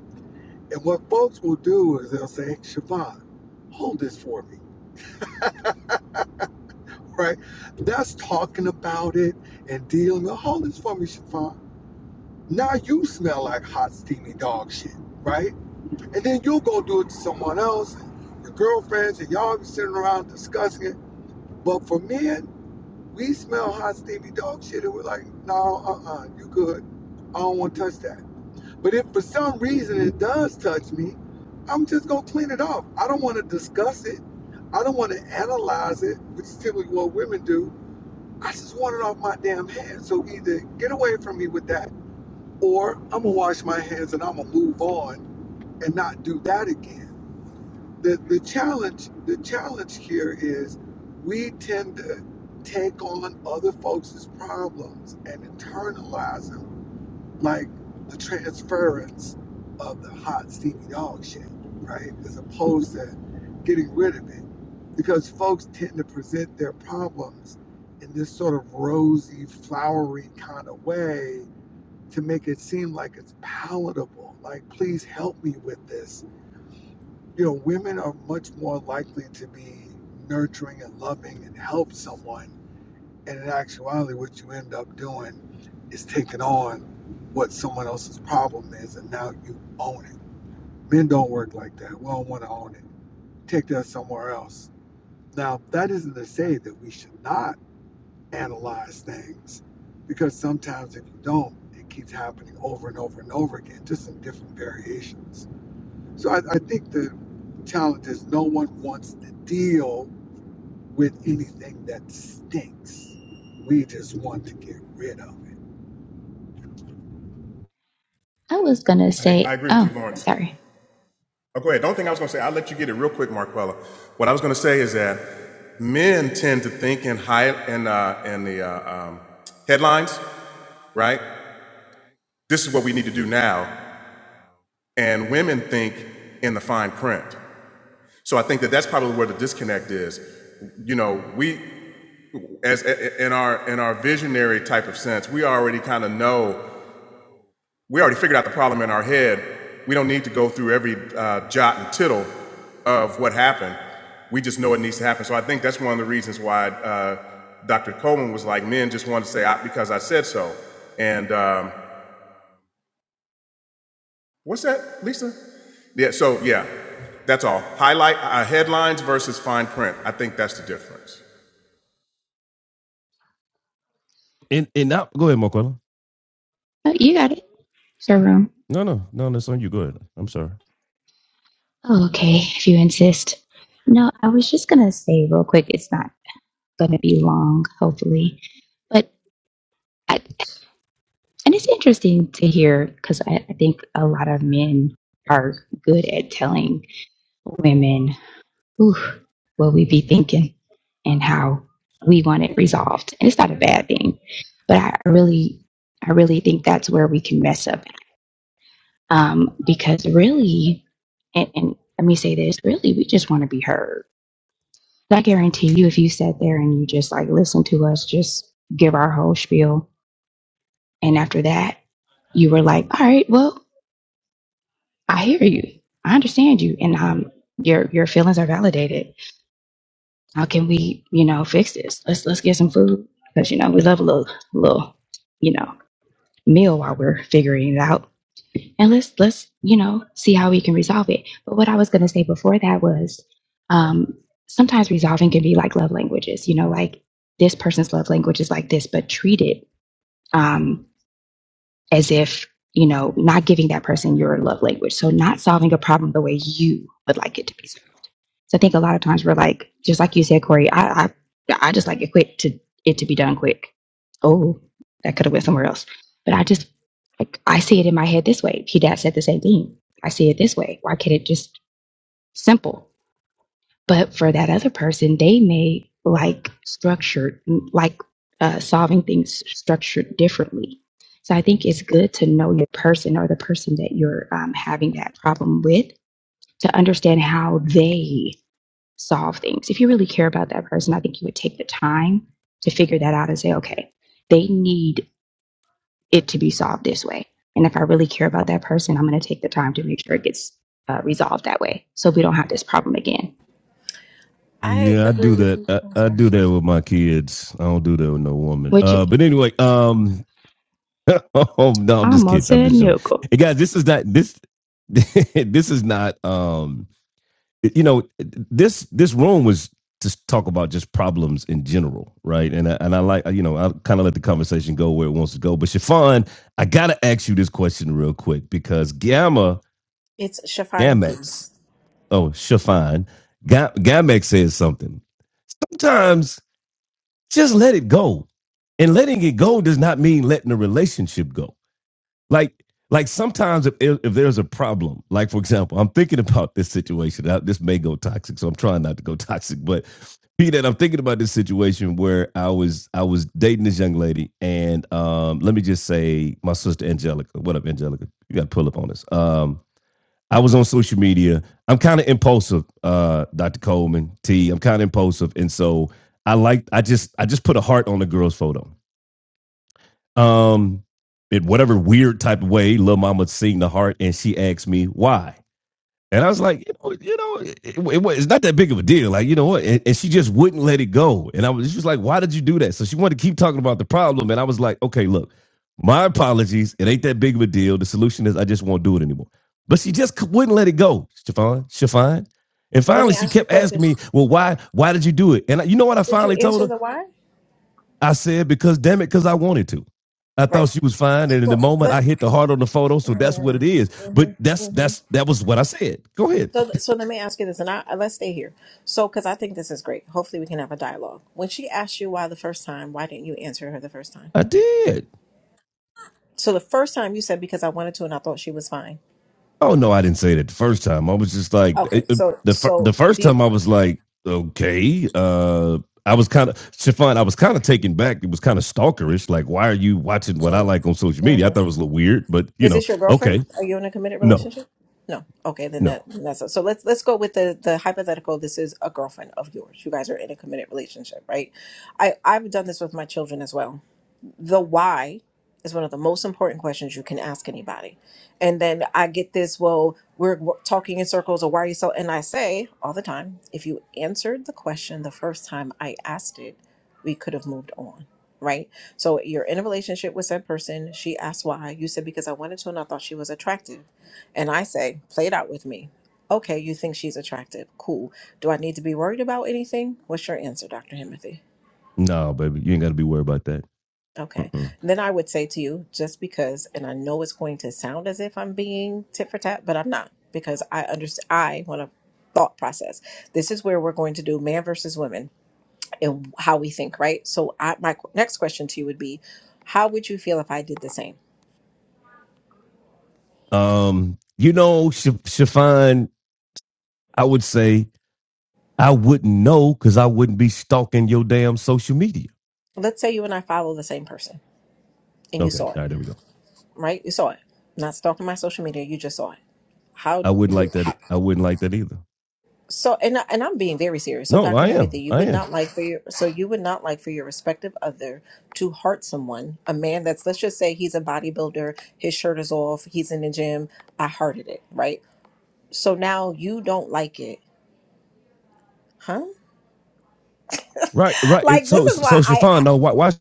and what folks will do is they'll say, "Hey, Siobhan, hold this for me." right? That's talking about it and dealing with all this for me, Shafan. Now you smell like hot, steamy dog shit, right? And then you'll go do it to someone else, your girlfriends, and y'all be sitting around discussing it. But for men, we smell hot, steamy dog shit, and we're like, no, uh uh, you good. I don't want to touch that. But if for some reason it does touch me, I'm just going to clean it off. I don't want to discuss it. I don't want to analyze it, which is typically what women do I just want it off my damn head. So either get away from me with that, or I'm gonna wash my hands and I'm gonna move on and not do that again. The the challenge the challenge here is we tend to take on other folks' problems and internalize them like the transference of the hot steamy dog shit, right? As opposed to getting rid of it. Because folks tend to present their problems in this sort of rosy, flowery kind of way to make it seem like it's palatable. Like, please help me with this. You know, women are much more likely to be nurturing and loving and help someone and in actuality, what you end up doing is taking on what someone else's problem is, and now you own it. Men don't work like that. We don't want to own it. Take that somewhere else. Now, that isn't to say that we should not analyze things, because sometimes if you don't, it keeps happening over and over and over again, just in different variations. So I, I think the challenge is no one wants to deal with anything that stinks. We just want to get rid of it.
I was gonna
I, I
say
agree with you,
oh,
Lawrence.
sorry.
Oh, go ahead. The only thing I was going to say, I'll let you get it real quick, Marquella. What I was going to say is that men tend to think in high in uh, in the uh, um, headlines, right? This is what we need to do now, and women think in the fine print. So I think that that's probably where the disconnect is. You know, we as in our in our visionary type of sense, we already kind of know we already figured out the problem in our head. We don't need to go through every uh, jot and tittle of what happened. We just know it needs to happen. So I think that's one of the reasons why uh, Dr. Coleman was like, men just want to say, I, because I said so. And um, what's that, Lisa? Yeah, so yeah, that's all. Highlight uh, headlines versus fine print. I think that's the difference.
and and now go ahead, Marquella.
Oh, you got it. It's your room.
No, no, no, that's on you. Go ahead. I'm sorry.
Oh, okay, if you insist. No, I was just gonna say real quick, it's not going to be long, hopefully. But I, and it's interesting to hear because I, I think a lot of men are good at telling women ooh, what we be thinking and how we want it resolved, and it's not a bad thing. But I really, I really think that's where we can mess up um, because really, and, and let me say this: really, we just want to be heard. I guarantee you, if you sat there and you just like listened to us, just give our whole spiel And after that, you were like, all right, well, I hear you. I understand you. And um, your, your feelings are validated. How can we, you know, fix this? Let's, let's get some food. Cause you know, we love a little, little, you know, meal while we're figuring it out. And let's, let's, you know, see how we can resolve it. But what I was going to say before that was, um, sometimes resolving can be like love languages, you know, like this person's love language is like this, but treat it. Um, as if, you know, not giving that person your love language. So not solving a problem the way you would like it to be solved. So I think a lot of times we're like, just like you said, Corey, I I, I just like it quick to it to be done quick. Oh, that could have went somewhere else. But I just like I see it in my head this way. P dad said the same thing. I see it this way. Why can't it just simple? But for that other person, they may like structured, like uh, solving things structured differently. So I think it's good to know your person or the person that you're um, having that problem with to understand how they solve things. If you really care about that person, I think you would take the time to figure that out and say, okay, they need it to be solved this way. And if I really care about that person, I'm going to take the time to make sure it gets uh, resolved that way so we don't have this problem again
I
Yeah, I
agree
do
with
that.
you.
I,
I'm
I
sorry.
do that with my kids. I don't do that with no woman.
which
Uh, but anyway, um, oh no, I'm
I
just
almost
kidding. I'm
said
just joking.
nickel.
Hey guys, this is not this this is not um you know this this room was to talk about just problems in general, right? And I, and I like you know I kind of let the conversation go where it wants to go. But Shafan, I gotta ask you this question real quick because Gamma
It's Shafine,
Gamex,
please.
oh Shafan, Ga- Gamex says something. Sometimes just let it go, and letting it go does not mean letting the relationship go like like sometimes if, if there's a problem like for example i'm thinking about this situation I, this may go toxic so i'm trying not to go toxic but Pete, i'm thinking about this situation where i was i was dating this young lady and um let me just say my sister angelica what up angelica you gotta pull up on this um i was on social media i'm kind of impulsive uh dr coleman t i'm kind of impulsive and so i like i just i just put a heart on the girl's photo um, in whatever weird type of way, Lil Mama sing the heart, and she asked me why. And I was like, you know, you know it, it, it's not that big of a deal. Like, you know what? And, and she just wouldn't let it go. And I was, she was like, why did you do that? So she wanted to keep talking about the problem. And I was like, okay, look, my apologies. It ain't that big of a deal. The solution is I just won't do it anymore. But she just wouldn't let it go, Shafan, Shafan. And
Let
finally,
me
she
ask you a
kept
question.
asking me, well, why, why did you do it? And I, you know what I
Did you
finally told
answer
her?
the why?
I said because damn it, because I wanted to. I
Right.
thought she was fine, and in
So
the moment I
let.
hit the heart on the photo, so that's what it is. But that's that's that was what I said. Go ahead,
So, so let me ask you this, and I let's stay here. So, because I think this is great. Hopefully, we can have a dialogue. When she asked you why the first time, why didn't you answer her the first time?
I did.
So, the first time you said because I wanted to, and I thought she was fine.
Oh no, I didn't say that the first time. I was just like
Okay,
eh, eh,
so
the the
so do
first
you,
time I was like, okay, uh, I was kind of Stefan. I was kind of taken back. It was kind of stalkerish. Like, why are you watching what I
mm,
like on social media? I thought
mhm.
it was a little weird, but you
is
know,
this your girlfriend?
okay,
Are you in a committed
no,
relationship? No. Okay, then
no,
that then that's so. Let's let's go with the the hypothetical. This is a girlfriend of yours. You guys are in a committed relationship, right? I I've done this with my children as well the why is one of the most important questions you can ask anybody. And then I get this, well, we're w- talking in circles, or why are you so? And I say all the time, if you answered the question the first time I asked it, we could have moved on, right? So you're in a relationship with that person. She asked why. You said, because I wanted to and I thought she was attractive. And I say, play it out with me. Okay, you think she's attractive. Cool. Do I need to be worried about anything? What's your answer, Dr. Himothy?
no, baby, you ain't got to be worried about that.
Okay.
Uh-uh.
Then I would say to you, just because, and I know it's going to sound as if I'm being tit for tat, but I'm not because I understand, I want to thought process. This is where we're going to do man versus women and how we think, right? So I, my qu- next question to you would be, how would you feel if I did the same?
Um, you know, Sh- Shafan, I would say I wouldn't know because I wouldn't be stalking your damn social media.
Let's say you and I follow the same person and you
Okay,
saw
all
it,
right, there we go.
right? You saw it. Not stalking my social media, you just saw it. How,
I wouldn't like that. e,
how
I wouldn't like that either.
So, and I- and I'm being very serious. So,
No,
Dr.
I am.
Hemothy, you
I
would
am.
not like for your so you would not like for your respective other to hurt someone, a man that's let's just say he's a bodybuilder, his shirt is off, he's in the gym. I hearted it, right? So now you don't like it, huh?
Right, right. It,
Like this
so,
is why
so
I, I
Shafan, no, why, why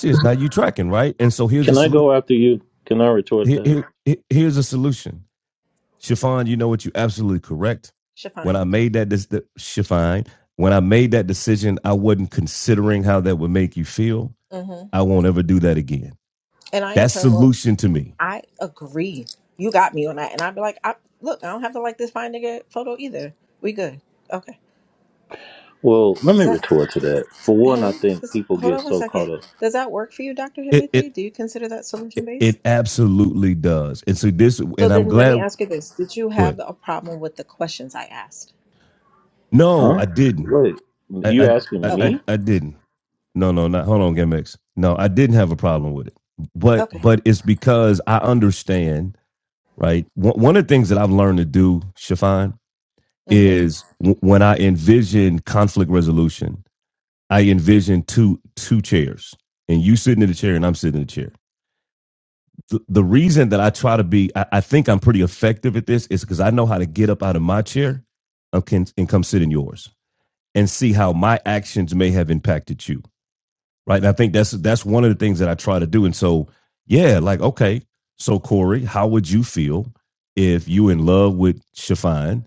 this? Now you tracking, right? And so here's a
Can I
solution.
go after you? Can I retort
Here,
that?
here, here's a solution. Shafan, you know what? You're absolutely correct. When
Shafine,
I made that, this, the, Shafan, when I made that decision, I wasn't considering how that would make you feel.
mm-hmm.
I won't ever do that again
and I in
That
turn will
solution to me.
I agree. You got me on that, and I'd be like, I look, I don't have to like this fine nigga photo either. We good, okay?
Well, let me retort to that. For one,
Hello,
I think
this-
people
hold
get
on one
so caught
second.
up.
Does that work for you, Dr.
It
Himothy?
it
Do you consider that solution
it
based?
it absolutely does. And so this,
So
and I'm
then let me
glad.
ask you this. Did you
Go
have
ahead.
a problem with the questions I asked?
No,
Huh?
I didn't.
Wait,
I
you
I I,
asking
I
Okay.
me?
I didn't. No, no, not. Hold on, Gimmicks. No, I didn't have a problem with it. But
Okay.
but it's because I understand, right? One one of the things that I've learned to do, Shafan,
hmm
is w- when I envision conflict resolution, I envision two two chairs, and you sitting in the chair, and I'm sitting in the chair the, the reason that I try to be, I, I think I'm pretty effective at this is because I know how to get up out of my chair okay, and, can, and come sit in yours and see how my actions may have impacted you. Right. And I think that's that's one of the things that I try to do. And so, yeah, like, OK, so, Corey, how would you feel if you in love with Shafine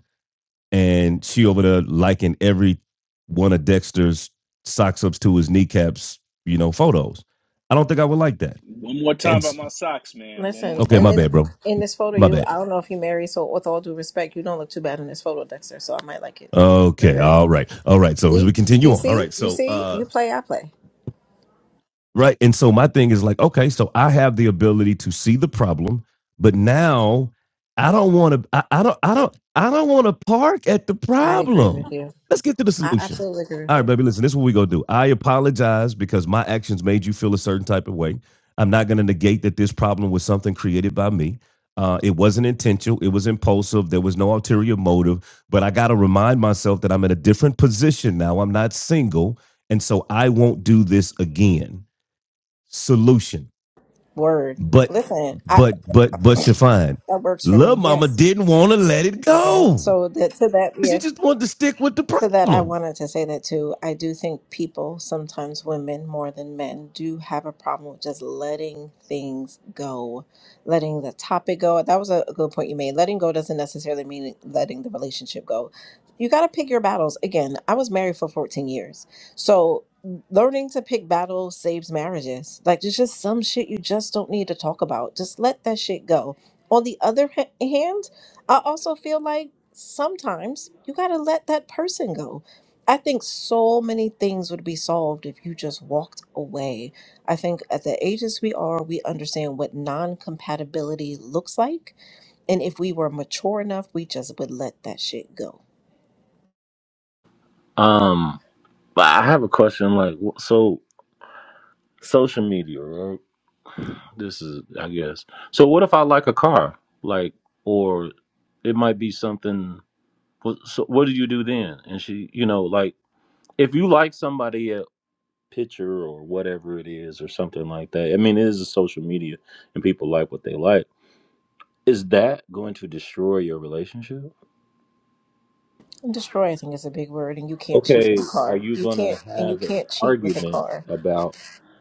and she over there liking every one of Dexter's socks ups to his kneecaps, you know, photos? I don't think I would like that.
One more time
And
about my socks, man. One
Listen,
more
OK,
and
time.
my
then
bad, bro.
in this photo,
My
you,
bad.
I don't know if you married, so with all due respect, you don't look too bad in this photo, Dexter, so I might like it. Go
Okay.
ahead.
All right. All right. So as we
See? Do
continue
you
on, all
see?
right.
You
So
see?
uh,
You play, I play.
Right. And so my thing is like, okay, so I have the ability to see the problem, but now I don't want to I, I don't I don't I don't want to park at the
I agree
problem.
with you.
Let's get to the
I
solution.
absolutely agree with
All right,
you.
baby, listen, this is what we gonna do. I apologize because my actions made you feel a certain type of way. I'm not gonna negate that this problem was something created by me. Uh, it wasn't intentional, it was impulsive, there was no ulterior motive, but I gotta remind myself that I'm in a different position now. I'm not single, and so I won't do this again solution.
Word.
But
Listen, I
but but but Shafine,
that works for
love
me.
mama
Yes.
didn't want to let it
Yeah.
go.
So that to that,
She
yeah.
just wanted to stick with the
So that I
problem.
wanted to say that too. I do think people, sometimes women more than men, do have a problem with just letting things go, letting the topic go. That was a a good point you made. Letting go doesn't necessarily mean letting the relationship go. You got to pick your battles. Again, I was married for 14 years. So learning to pick battles saves marriages. Like there's just some shit you just don't need to talk about. Just let that shit go. On the other ha- hand, I also feel like sometimes you got to let that person go. I think so many things would be solved if you just walked away. I think at the ages we are, we understand what non compatibility looks like. And if we were mature enough, we just would let that shit go.
Um, but I have a question. Like, wh- so social media, right? This is, I guess. So what if I like a car, like, or it might be something. What, so what do you do then? And she, you know, like if you like somebody a picture or whatever it is or something like that. I mean, it is a social media, and people like what they like. Is that going to destroy your relationship?
And destroy, I think, is a big word. And you can't cheat with
Okay,
a
are
car.
you
You
gonna
can't, and you
have a
can't cheat with a
argument
car.
about?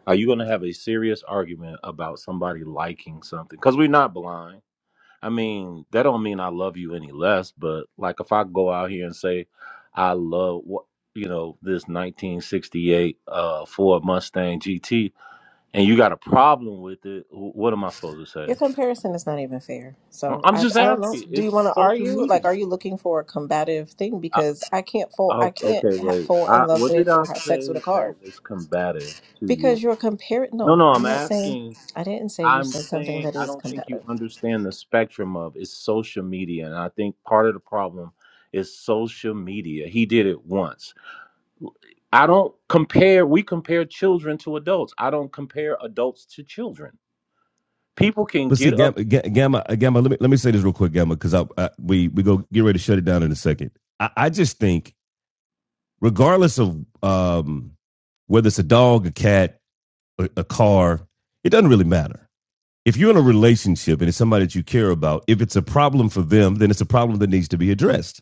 Are you gonna have a serious argument about somebody liking something? Because we're not blind I mean, that don't mean I love you any less, but like if I go out here and say I love what you know, this 1968 uh Ford Mustang GT and you got a problem with it, wh- what am I supposed to say?
Your comparison is not even fair.
I-
So
I'm
I,
just
I don't know.
asking.
Do you
It's
want to
social
argue? Like,
media.
are you looking for a combative thing?
I,
Because I can't fall.
I,
I can't
okay,
ha-
wait.
fall
I,
in love
what did
with or
I
have sex with
say
a
that
car
was combative to you?
because you're comparing.
No,
No,
no,
I'm
I'm
not saying.
asking.
I didn't say you
I'm
said something
saying
that
I
is
don't think you
combative.
understand the spectrum of it's social media, and I think part of the problem is social media. He did it once. I don't compare. We compare children to adults. I don't compare adults to children. People can
But see,
get up.
Gamma, Gamma, uh, Gamma let me let me say this real quick, Gamma, because I, I we we go get ready to shut it down in a second. I, I just think, regardless of um, whether it's a dog, a cat, a, a car, it doesn't really matter. If you're in a relationship and it's somebody that you care about, if it's a problem for them, then it's a problem that needs to be addressed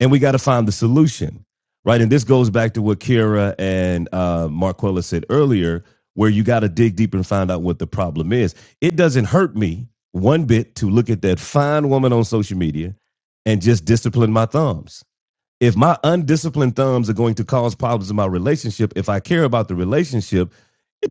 and we got to find the solution, right? And this goes back to what Kira and uh, Marquella said earlier, where you got to dig deep and find out what the problem is. It doesn't hurt me one bit to look at that fine woman on social media and just discipline my thumbs. If my undisciplined thumbs are going to cause problems in my relationship, if I care about the relationship,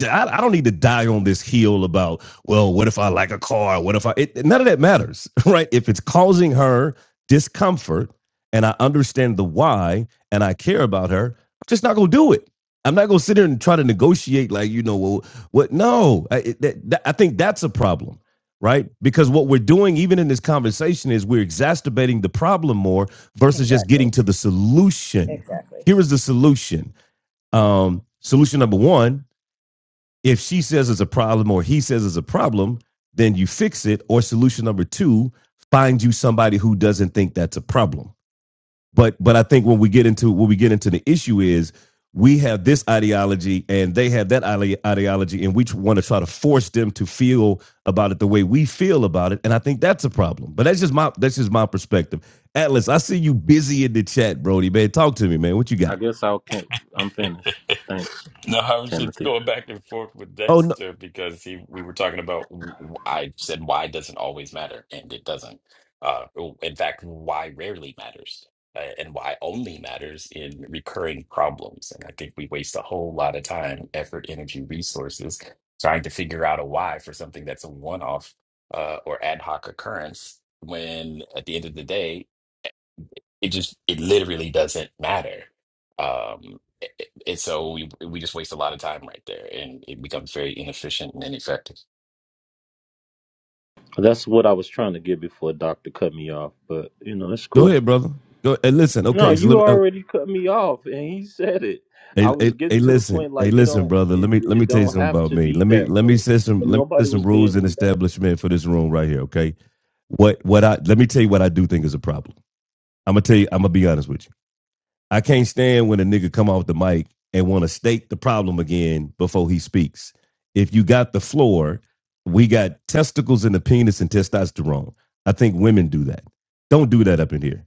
I, I don't need to die on this hill about well what if i like a car what if i it, none of that matters right if it's causing her discomfort and i understand the why and i care about her i'm just not going to do it i'm not going to sit there and try to negotiate like you know well, what no I, it, that, that- I think that's a problem right because what we're doing even in this conversation is we're exacerbating the problem more versus just
Exactly.
getting to the solution
Exactly.
here is the solution um, solution number one if she says it's a problem or he says it's a problem, then you fix it. Or solution number two, find you somebody who doesn't think that's a problem. But but I think when we get into when we get into the issue is we have this ideology and they have that ideology and we want to try to force them to feel about it the way we feel about it and i think that's a problem but that's just my that's just my perspective atlas i see you busy in the chat brody man talk to me man what you
I
got
guess I can't. I'm finished. Thanks,
No, I was just
Timothy.
going back and forth with
oh no
Dexter because he we were talking about w- w- I said why doesn't always matter and it doesn't. Uh, w- in fact, why rarely matters uh, and why only matters in recurring problems. And I think we waste a whole lot of time, effort, energy, resources trying to figure out a why for something that's a one-off uh, or ad hoc occurrence when at the end of the day it just it literally doesn't matter um a- a- and so we we just waste a lot of time right there and it becomes very inefficient and ineffective
That's what I was trying to get before Doctor cut me off, but you know it's
go
cool.
ahead brother go and listen
No,
okay so
you
let me uh,
already cut me off, and he said it.
Hey,
I was
hey, hey,
getting to the
listen,
point
hey,
like it
listen,
don't
brother.
it
Let me let
it
me tell you
don't
something
have
about
to
me.
be
Let me
that
let me
way,
set some
and
let me set
nobody
some
was being
rules and
combative.
establishment for this room right here. Okay, what what I let me tell you what I do think is a problem. I'm gonna tell you. I'm gonna be honest with you. I can't stand when a nigga come off the mic and want to state the problem again before he speaks. If you got the floor, we got testicles in the penis and testosterone. I think women do that. Don't do that up in here.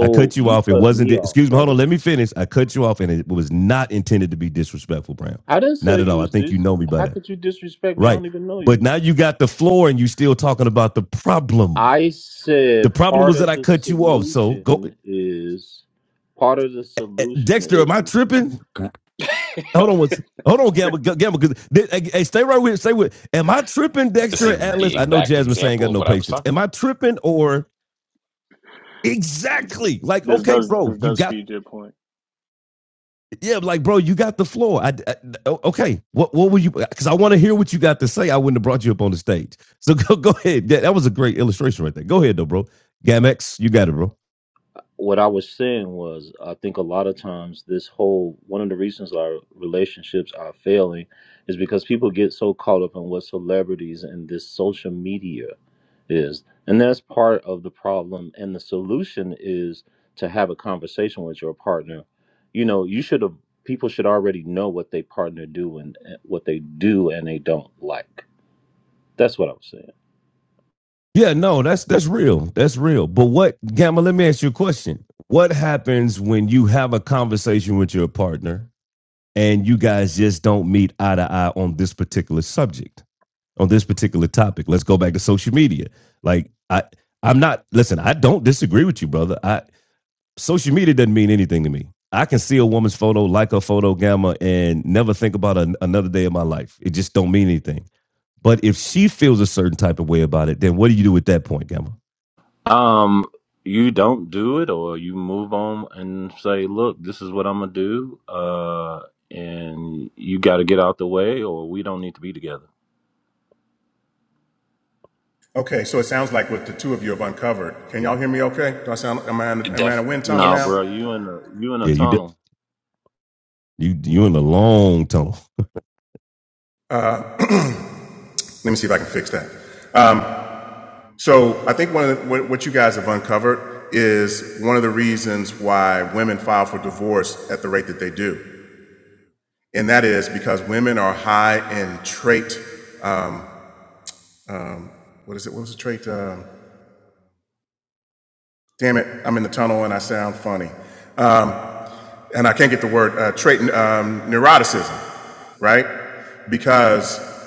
I cut you
you
off. It
cut
wasn't.
me off,
Excuse me. Hold
brother.
on. Let me finish. I cut you off, and it was not intended to be disrespectful, Brown.
I didn't say
Not at
you
all. I
was
think
dis.
you know me by
How
that,
could you disrespect me? I
right?
don't even know
But
you.
now you got the floor, and you still talking about the problem.
I
The
said
problem
part
was that
of
I
the
cut you off. So go,
solution is part of the
eh,
solution
Dexter. Am I
is
tripping? Hold on. What's Hold on, Gamble, Gamble, because hey, hey, stay right with, stay with. Am I tripping,
this
Dexter
is
and
the
Atlas? I know
exact
Jasmine saying
example
got
of
no
what i was
patience.
talking
Am I
about
tripping or
It-
exactly like
This
okay,
does
bro?
this
You
does
got
feed your point.
Yeah, like bro, you got the floor. I I, okay. What what were you? Because I want to hear what you got to say. I wouldn't have brought you up on the stage. So go go ahead. Yeah, that was a great illustration right there. Go ahead though, bro. Gamex, you got it, bro.
what I was saying was, I think a lot of times this whole one of the reasons our relationships are failing is because people get so caught up in what celebrities and this social media is. And that's part of the problem. And the solution is to have a conversation with your partner. You know, you should have, people should already know what they partner do and and what they do and they don't like. That's what I was saying.
Yeah, no, that's that's real. That's real. But what Gamma? Let me ask you a question. What happens when you have a conversation with your partner and you guys just don't meet eye to eye on this particular subject, on this particular topic? Let's go back to social media. Like I, I'm not. Listen, I don't disagree with you, brother. I. social media doesn't mean anything to me. I can see a woman's photo, like a photo gamma, and never think about an, another day of my life. It just don't mean anything. But if she feels a certain type of way about it, then what do you do at that point, Gamma?
Um, you don't do it, or you move on and say, "Look, this is what I'm gonna do," uh, and you got to get out the way, or we don't need to be together.
Okay, so it sounds like what the two of you have uncovered. Can y'all hear me okay? Do I sound, am I in, am I in
def
a wind tunnel
Nah,
now?
yes
bro, you in a you in a
Yeah, you de-
tunnel.
you you in a long tunnel.
Let me see if I can fix that. Um, So I think one of the, what, you guys have uncovered is one of the reasons why women file for divorce at the rate that they do, and that is because women are high in trait. Um, what is it? What was the trait? Um, damn it! I'm in the tunnel and I sound funny, um, and I can't get the word uh, trait um, neuroticism, right? Because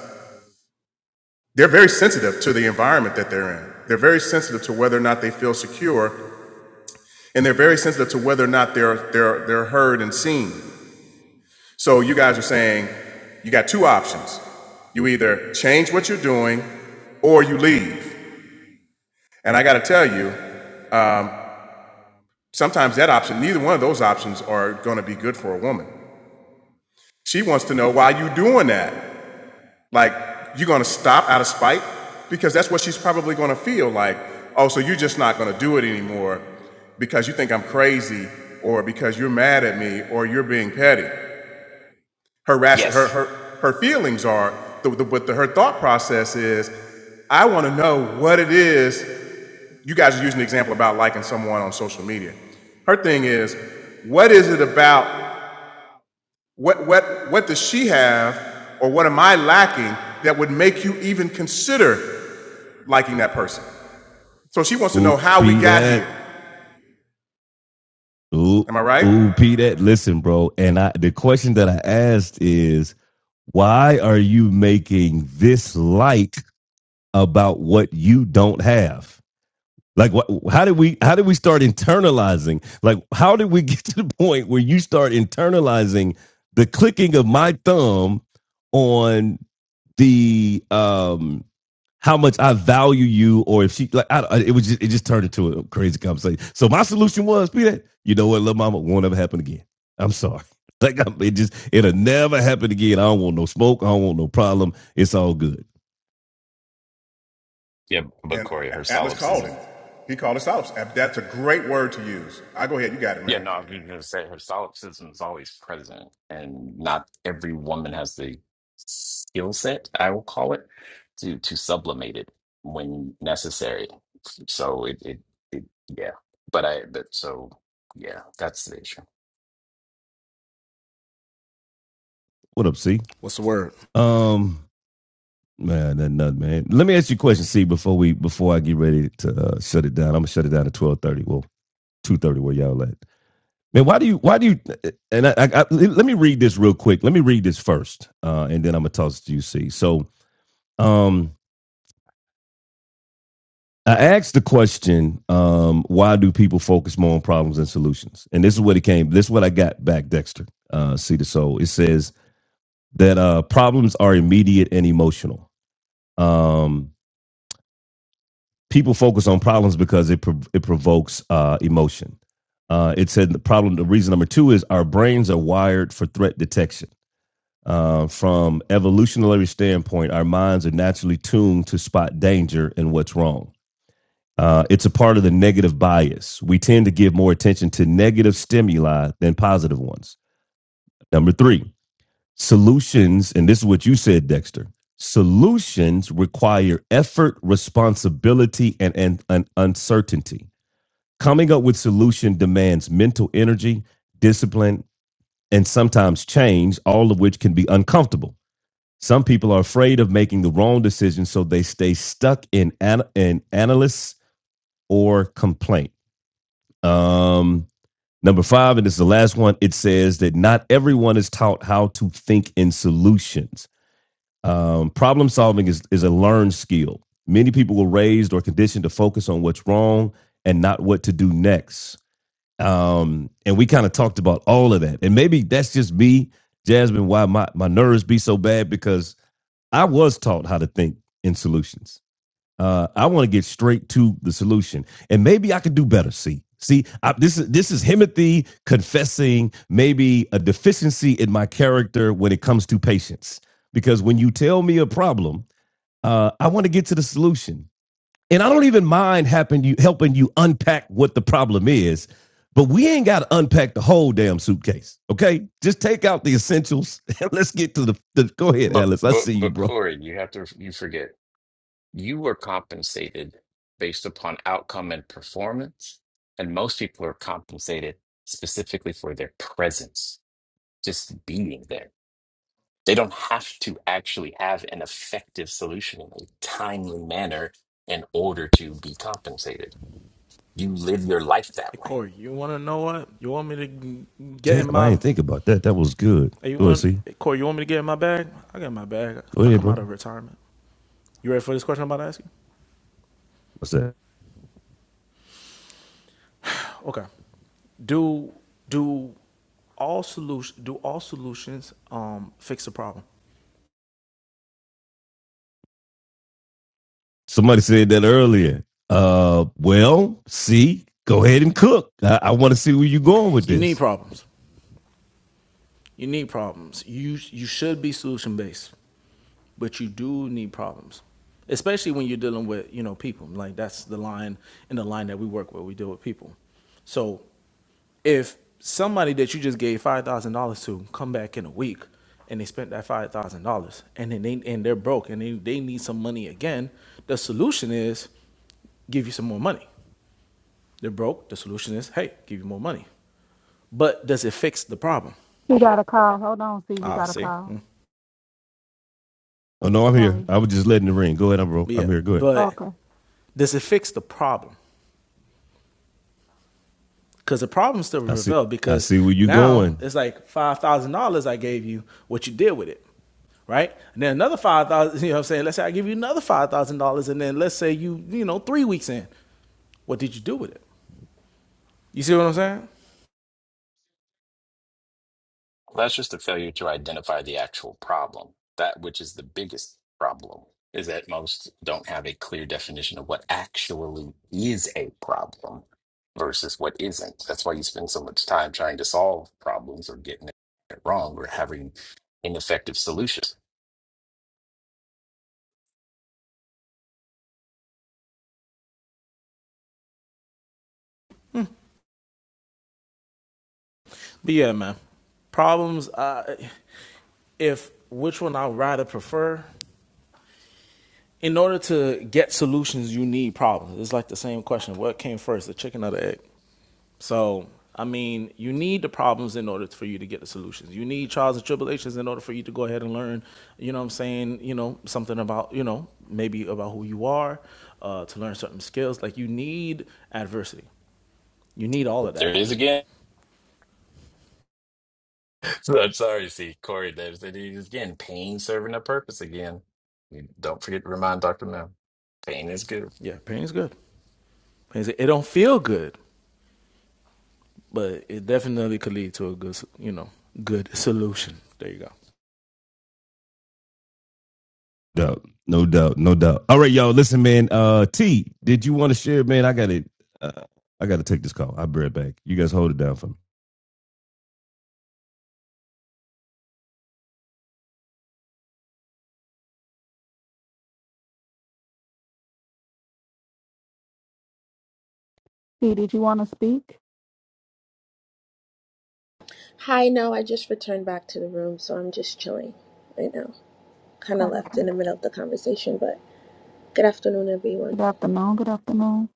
they're very sensitive to the environment that they're in. They're very sensitive to whether or not they feel secure and they're very sensitive to whether or not they're they're they're heard and seen. So you guys are saying you got two options. You either change what you're doing or you leave. And I got to tell you, sometimes that option, neither one of those options are going to be good for a woman. She wants to know why you doing that. Like you're going to stop out of spite because that's what she's probably going to feel like, "Oh, so you're just not going to do it anymore because you think I'm crazy or because you're mad at me or you're being petty." her ration, her
yes
her her feelings are the, the but the, her thought process is i want to know what it is you guys are using the example about liking someone on social media her thing is what is it about what what what does she have or what am i lacking that would make you even consider liking that person so she wants to know
Ooh,
how we
pee
got here
that. Ooh,
am i right
ooh, pee that. Listen, bro. And I the question that I asked is Why are you making this like about what you don't have? Like, what, how did we how did we start internalizing? Like, how did we get to the point where you start internalizing the clicking of my thumb on the um how much I value you, or if she like, I, it was just it just turned into a crazy conversation. So my solution was, be that you know what, little mama won't ever happen again. I'm sorry. Like i it just it'll never happen again. I don't want no smoke. I don't want no problem. It's all good.
yeah but
and
corey her
atlas called it
solipsism
he called us out that's a great word to use i go ahead you got it
Yeah,
man
no, I was going to say her solipsism is always present, and not every woman has the skill set, I will call it, to to sublimate it when necessary. So it it, it yeah, but I but so yeah, that's the issue.
What up, C?
What's the word?
Um, man, that nut, man. Let me ask you a question, C. Before we before I get ready to uh, shut it down, I'm gonna shut it down at twelve thirty. Well, two thirty where y'all at. Man, why do you why do you and I, I, I let me read this real quick. Let me read this first, uh, and then I'm gonna toss it to you, C. So Um, I asked the question, um, why do people focus more on problems than solutions? And this is what it came. This is what I got back, Dexter. Uh, see the soul. It says that uh, problems are immediate and emotional. Um, people focus on problems because it prov- it provokes uh, emotion. Uh, it said the problem. The reason number two is our brains are wired for threat detection. Uh, from evolutionary standpoint, our minds are naturally tuned to spot danger and what's wrong Uh, it's a part of the negative bias. We tend to give more attention to negative stimuli than positive ones. Number three, solutions, and this is what you said, Dexter. Solutions require effort, responsibility, and, and, and uncertainty. Coming up with solution demands mental energy, discipline, and sometimes change, all of which can be uncomfortable. Some people are afraid of making the wrong decision, so they stay stuck in, an, in analysis or complaint. Um, number five, and this is the last one. It says that not everyone is taught how to think in solutions. Um, problem solving is, is a learned skill. Many people were raised or conditioned to focus on what's wrong and not what to do next. Um, and we kind of talked about all of that. And maybe that's just me, Jasmine, why my, my nerves be so bad because I was taught how to think in solutions uh, I want to get straight to the solution, and maybe I could do better. See, see, I, this is this is Himothy confessing maybe a deficiency in my character when it comes to patience. Because when you tell me a problem, uh, I want to get to the solution, and I don't even mind helping you helping you unpack what the problem is. But we ain't got to unpack the whole damn suitcase, okay? Just take out the essentials. and Let's get to the, the. Go ahead,
But
Alice. I
but
see you,
but
bro.
Corey, you have to you forget you were compensated based upon outcome and performance, and most people are compensated specifically for their presence, just being there. They don't have to actually have an effective solution in a timely manner in order to be compensated. You live your life that
Hey,
way.
Corey, you want to know what? You want me to get in
Damn, I
my?
ain't think about that. That was good.
hey, You
Go ahead,
want
see.
hey, Corey? You want me to get in my bag? I get in my bag.
Go
I
ahead,
come
bro.
out of retirement. You ready for this question I'm about to ask you?
What's that?
Okay. Do do all solution do all solutions um fix the problem?
Somebody said that earlier. Uh, well, see, go ahead and cook. I, I want to see where you're going with
You need
this.
problems. You need problems. You you should be solution based, but you do need problems especially when you're dealing with you know people like that's the line in the line that we work with we deal with people so if somebody that you just gave five thousand dollars to come back in a week and they spent that five thousand dollars and then they and they're broke and they, they need some money again, the solution is give you some more money. They're broke. The solution is hey, give you more money. But does it fix the problem?
he got a call. Hold on, see, he
Ah,
got a
see,
call.
Hmm.
Oh no, I'm here.
Sorry.
I was just letting it ring. Go ahead, I'm bro.
But yeah,
I'm here. Go ahead.
but
Okay.
does it fix the problem? Because the problem still
I see.
prevails
I
because
see where you're
now
going.
it's like five thousand dollars I gave you. What you did with it? right? And then another five thousand. dollars, You know what I'm saying? Let's say I give you another five thousand dollars, and then let's say you you know three weeks in, what did you do with it? You see what I'm saying?
That's just a failure to identify the actual problem. That which is the biggest problem is that most don't have a clear definition of what actually is a problem versus what isn't. That's why you spend so much time trying to solve problems or getting it wrong or having ineffective solutions.
But yeah, man, problems. Uh, if which one I would rather prefer. In order to get solutions, you need problems. It's like the same question: What came first, the chicken or the egg? So, I mean, you need the problems in order for you to get the solutions. You need trials and tribulations in order for you to go ahead and learn, you know what I'm saying, you know, something about, you know, maybe about who you are, uh, to learn certain skills. Like you need adversity. You need all of
But there it
that.
is again So I'm sorry, see, Corey, there's that is again pain serving a purpose again. You Don't forget to remind Dr. Mel, pain is good.
Yeah, pain is good. Pain is, it don't feel good, but it definitely could lead to a good, you know, good solution. There you go.
Doubt, no doubt, no doubt. All right, y'all. Listen, man. Uh, T, did you want to share, man? I got it. Uh, I got to take this call. I'll be right back. You guys hold it down for me.
See, did you want to speak?
Hi, no, I just returned back to the room, so I'm just chilling right now. Kind of left
Okay.
in the middle of the conversation, but good afternoon, everyone.
Good afternoon. Good afternoon.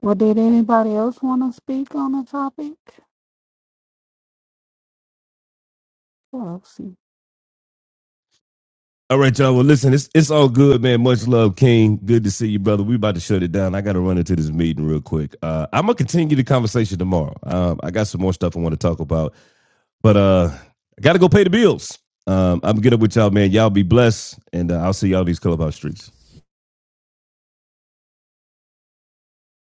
Well, did anybody else want to speak on the topic? What else?
All right, y'all. Well, listen, it's it's all good, man. Much love, King. Good to see you, brother. We about to shut it down. I got to run into this meeting real quick. Uh, I'm gonna continue the conversation tomorrow. Um, I got some more stuff I want to talk about, but uh, I got to go pay the bills. Um, I'm gonna get up with y'all, man. Y'all be blessed, and uh, I'll see y'all these clubhouse streets.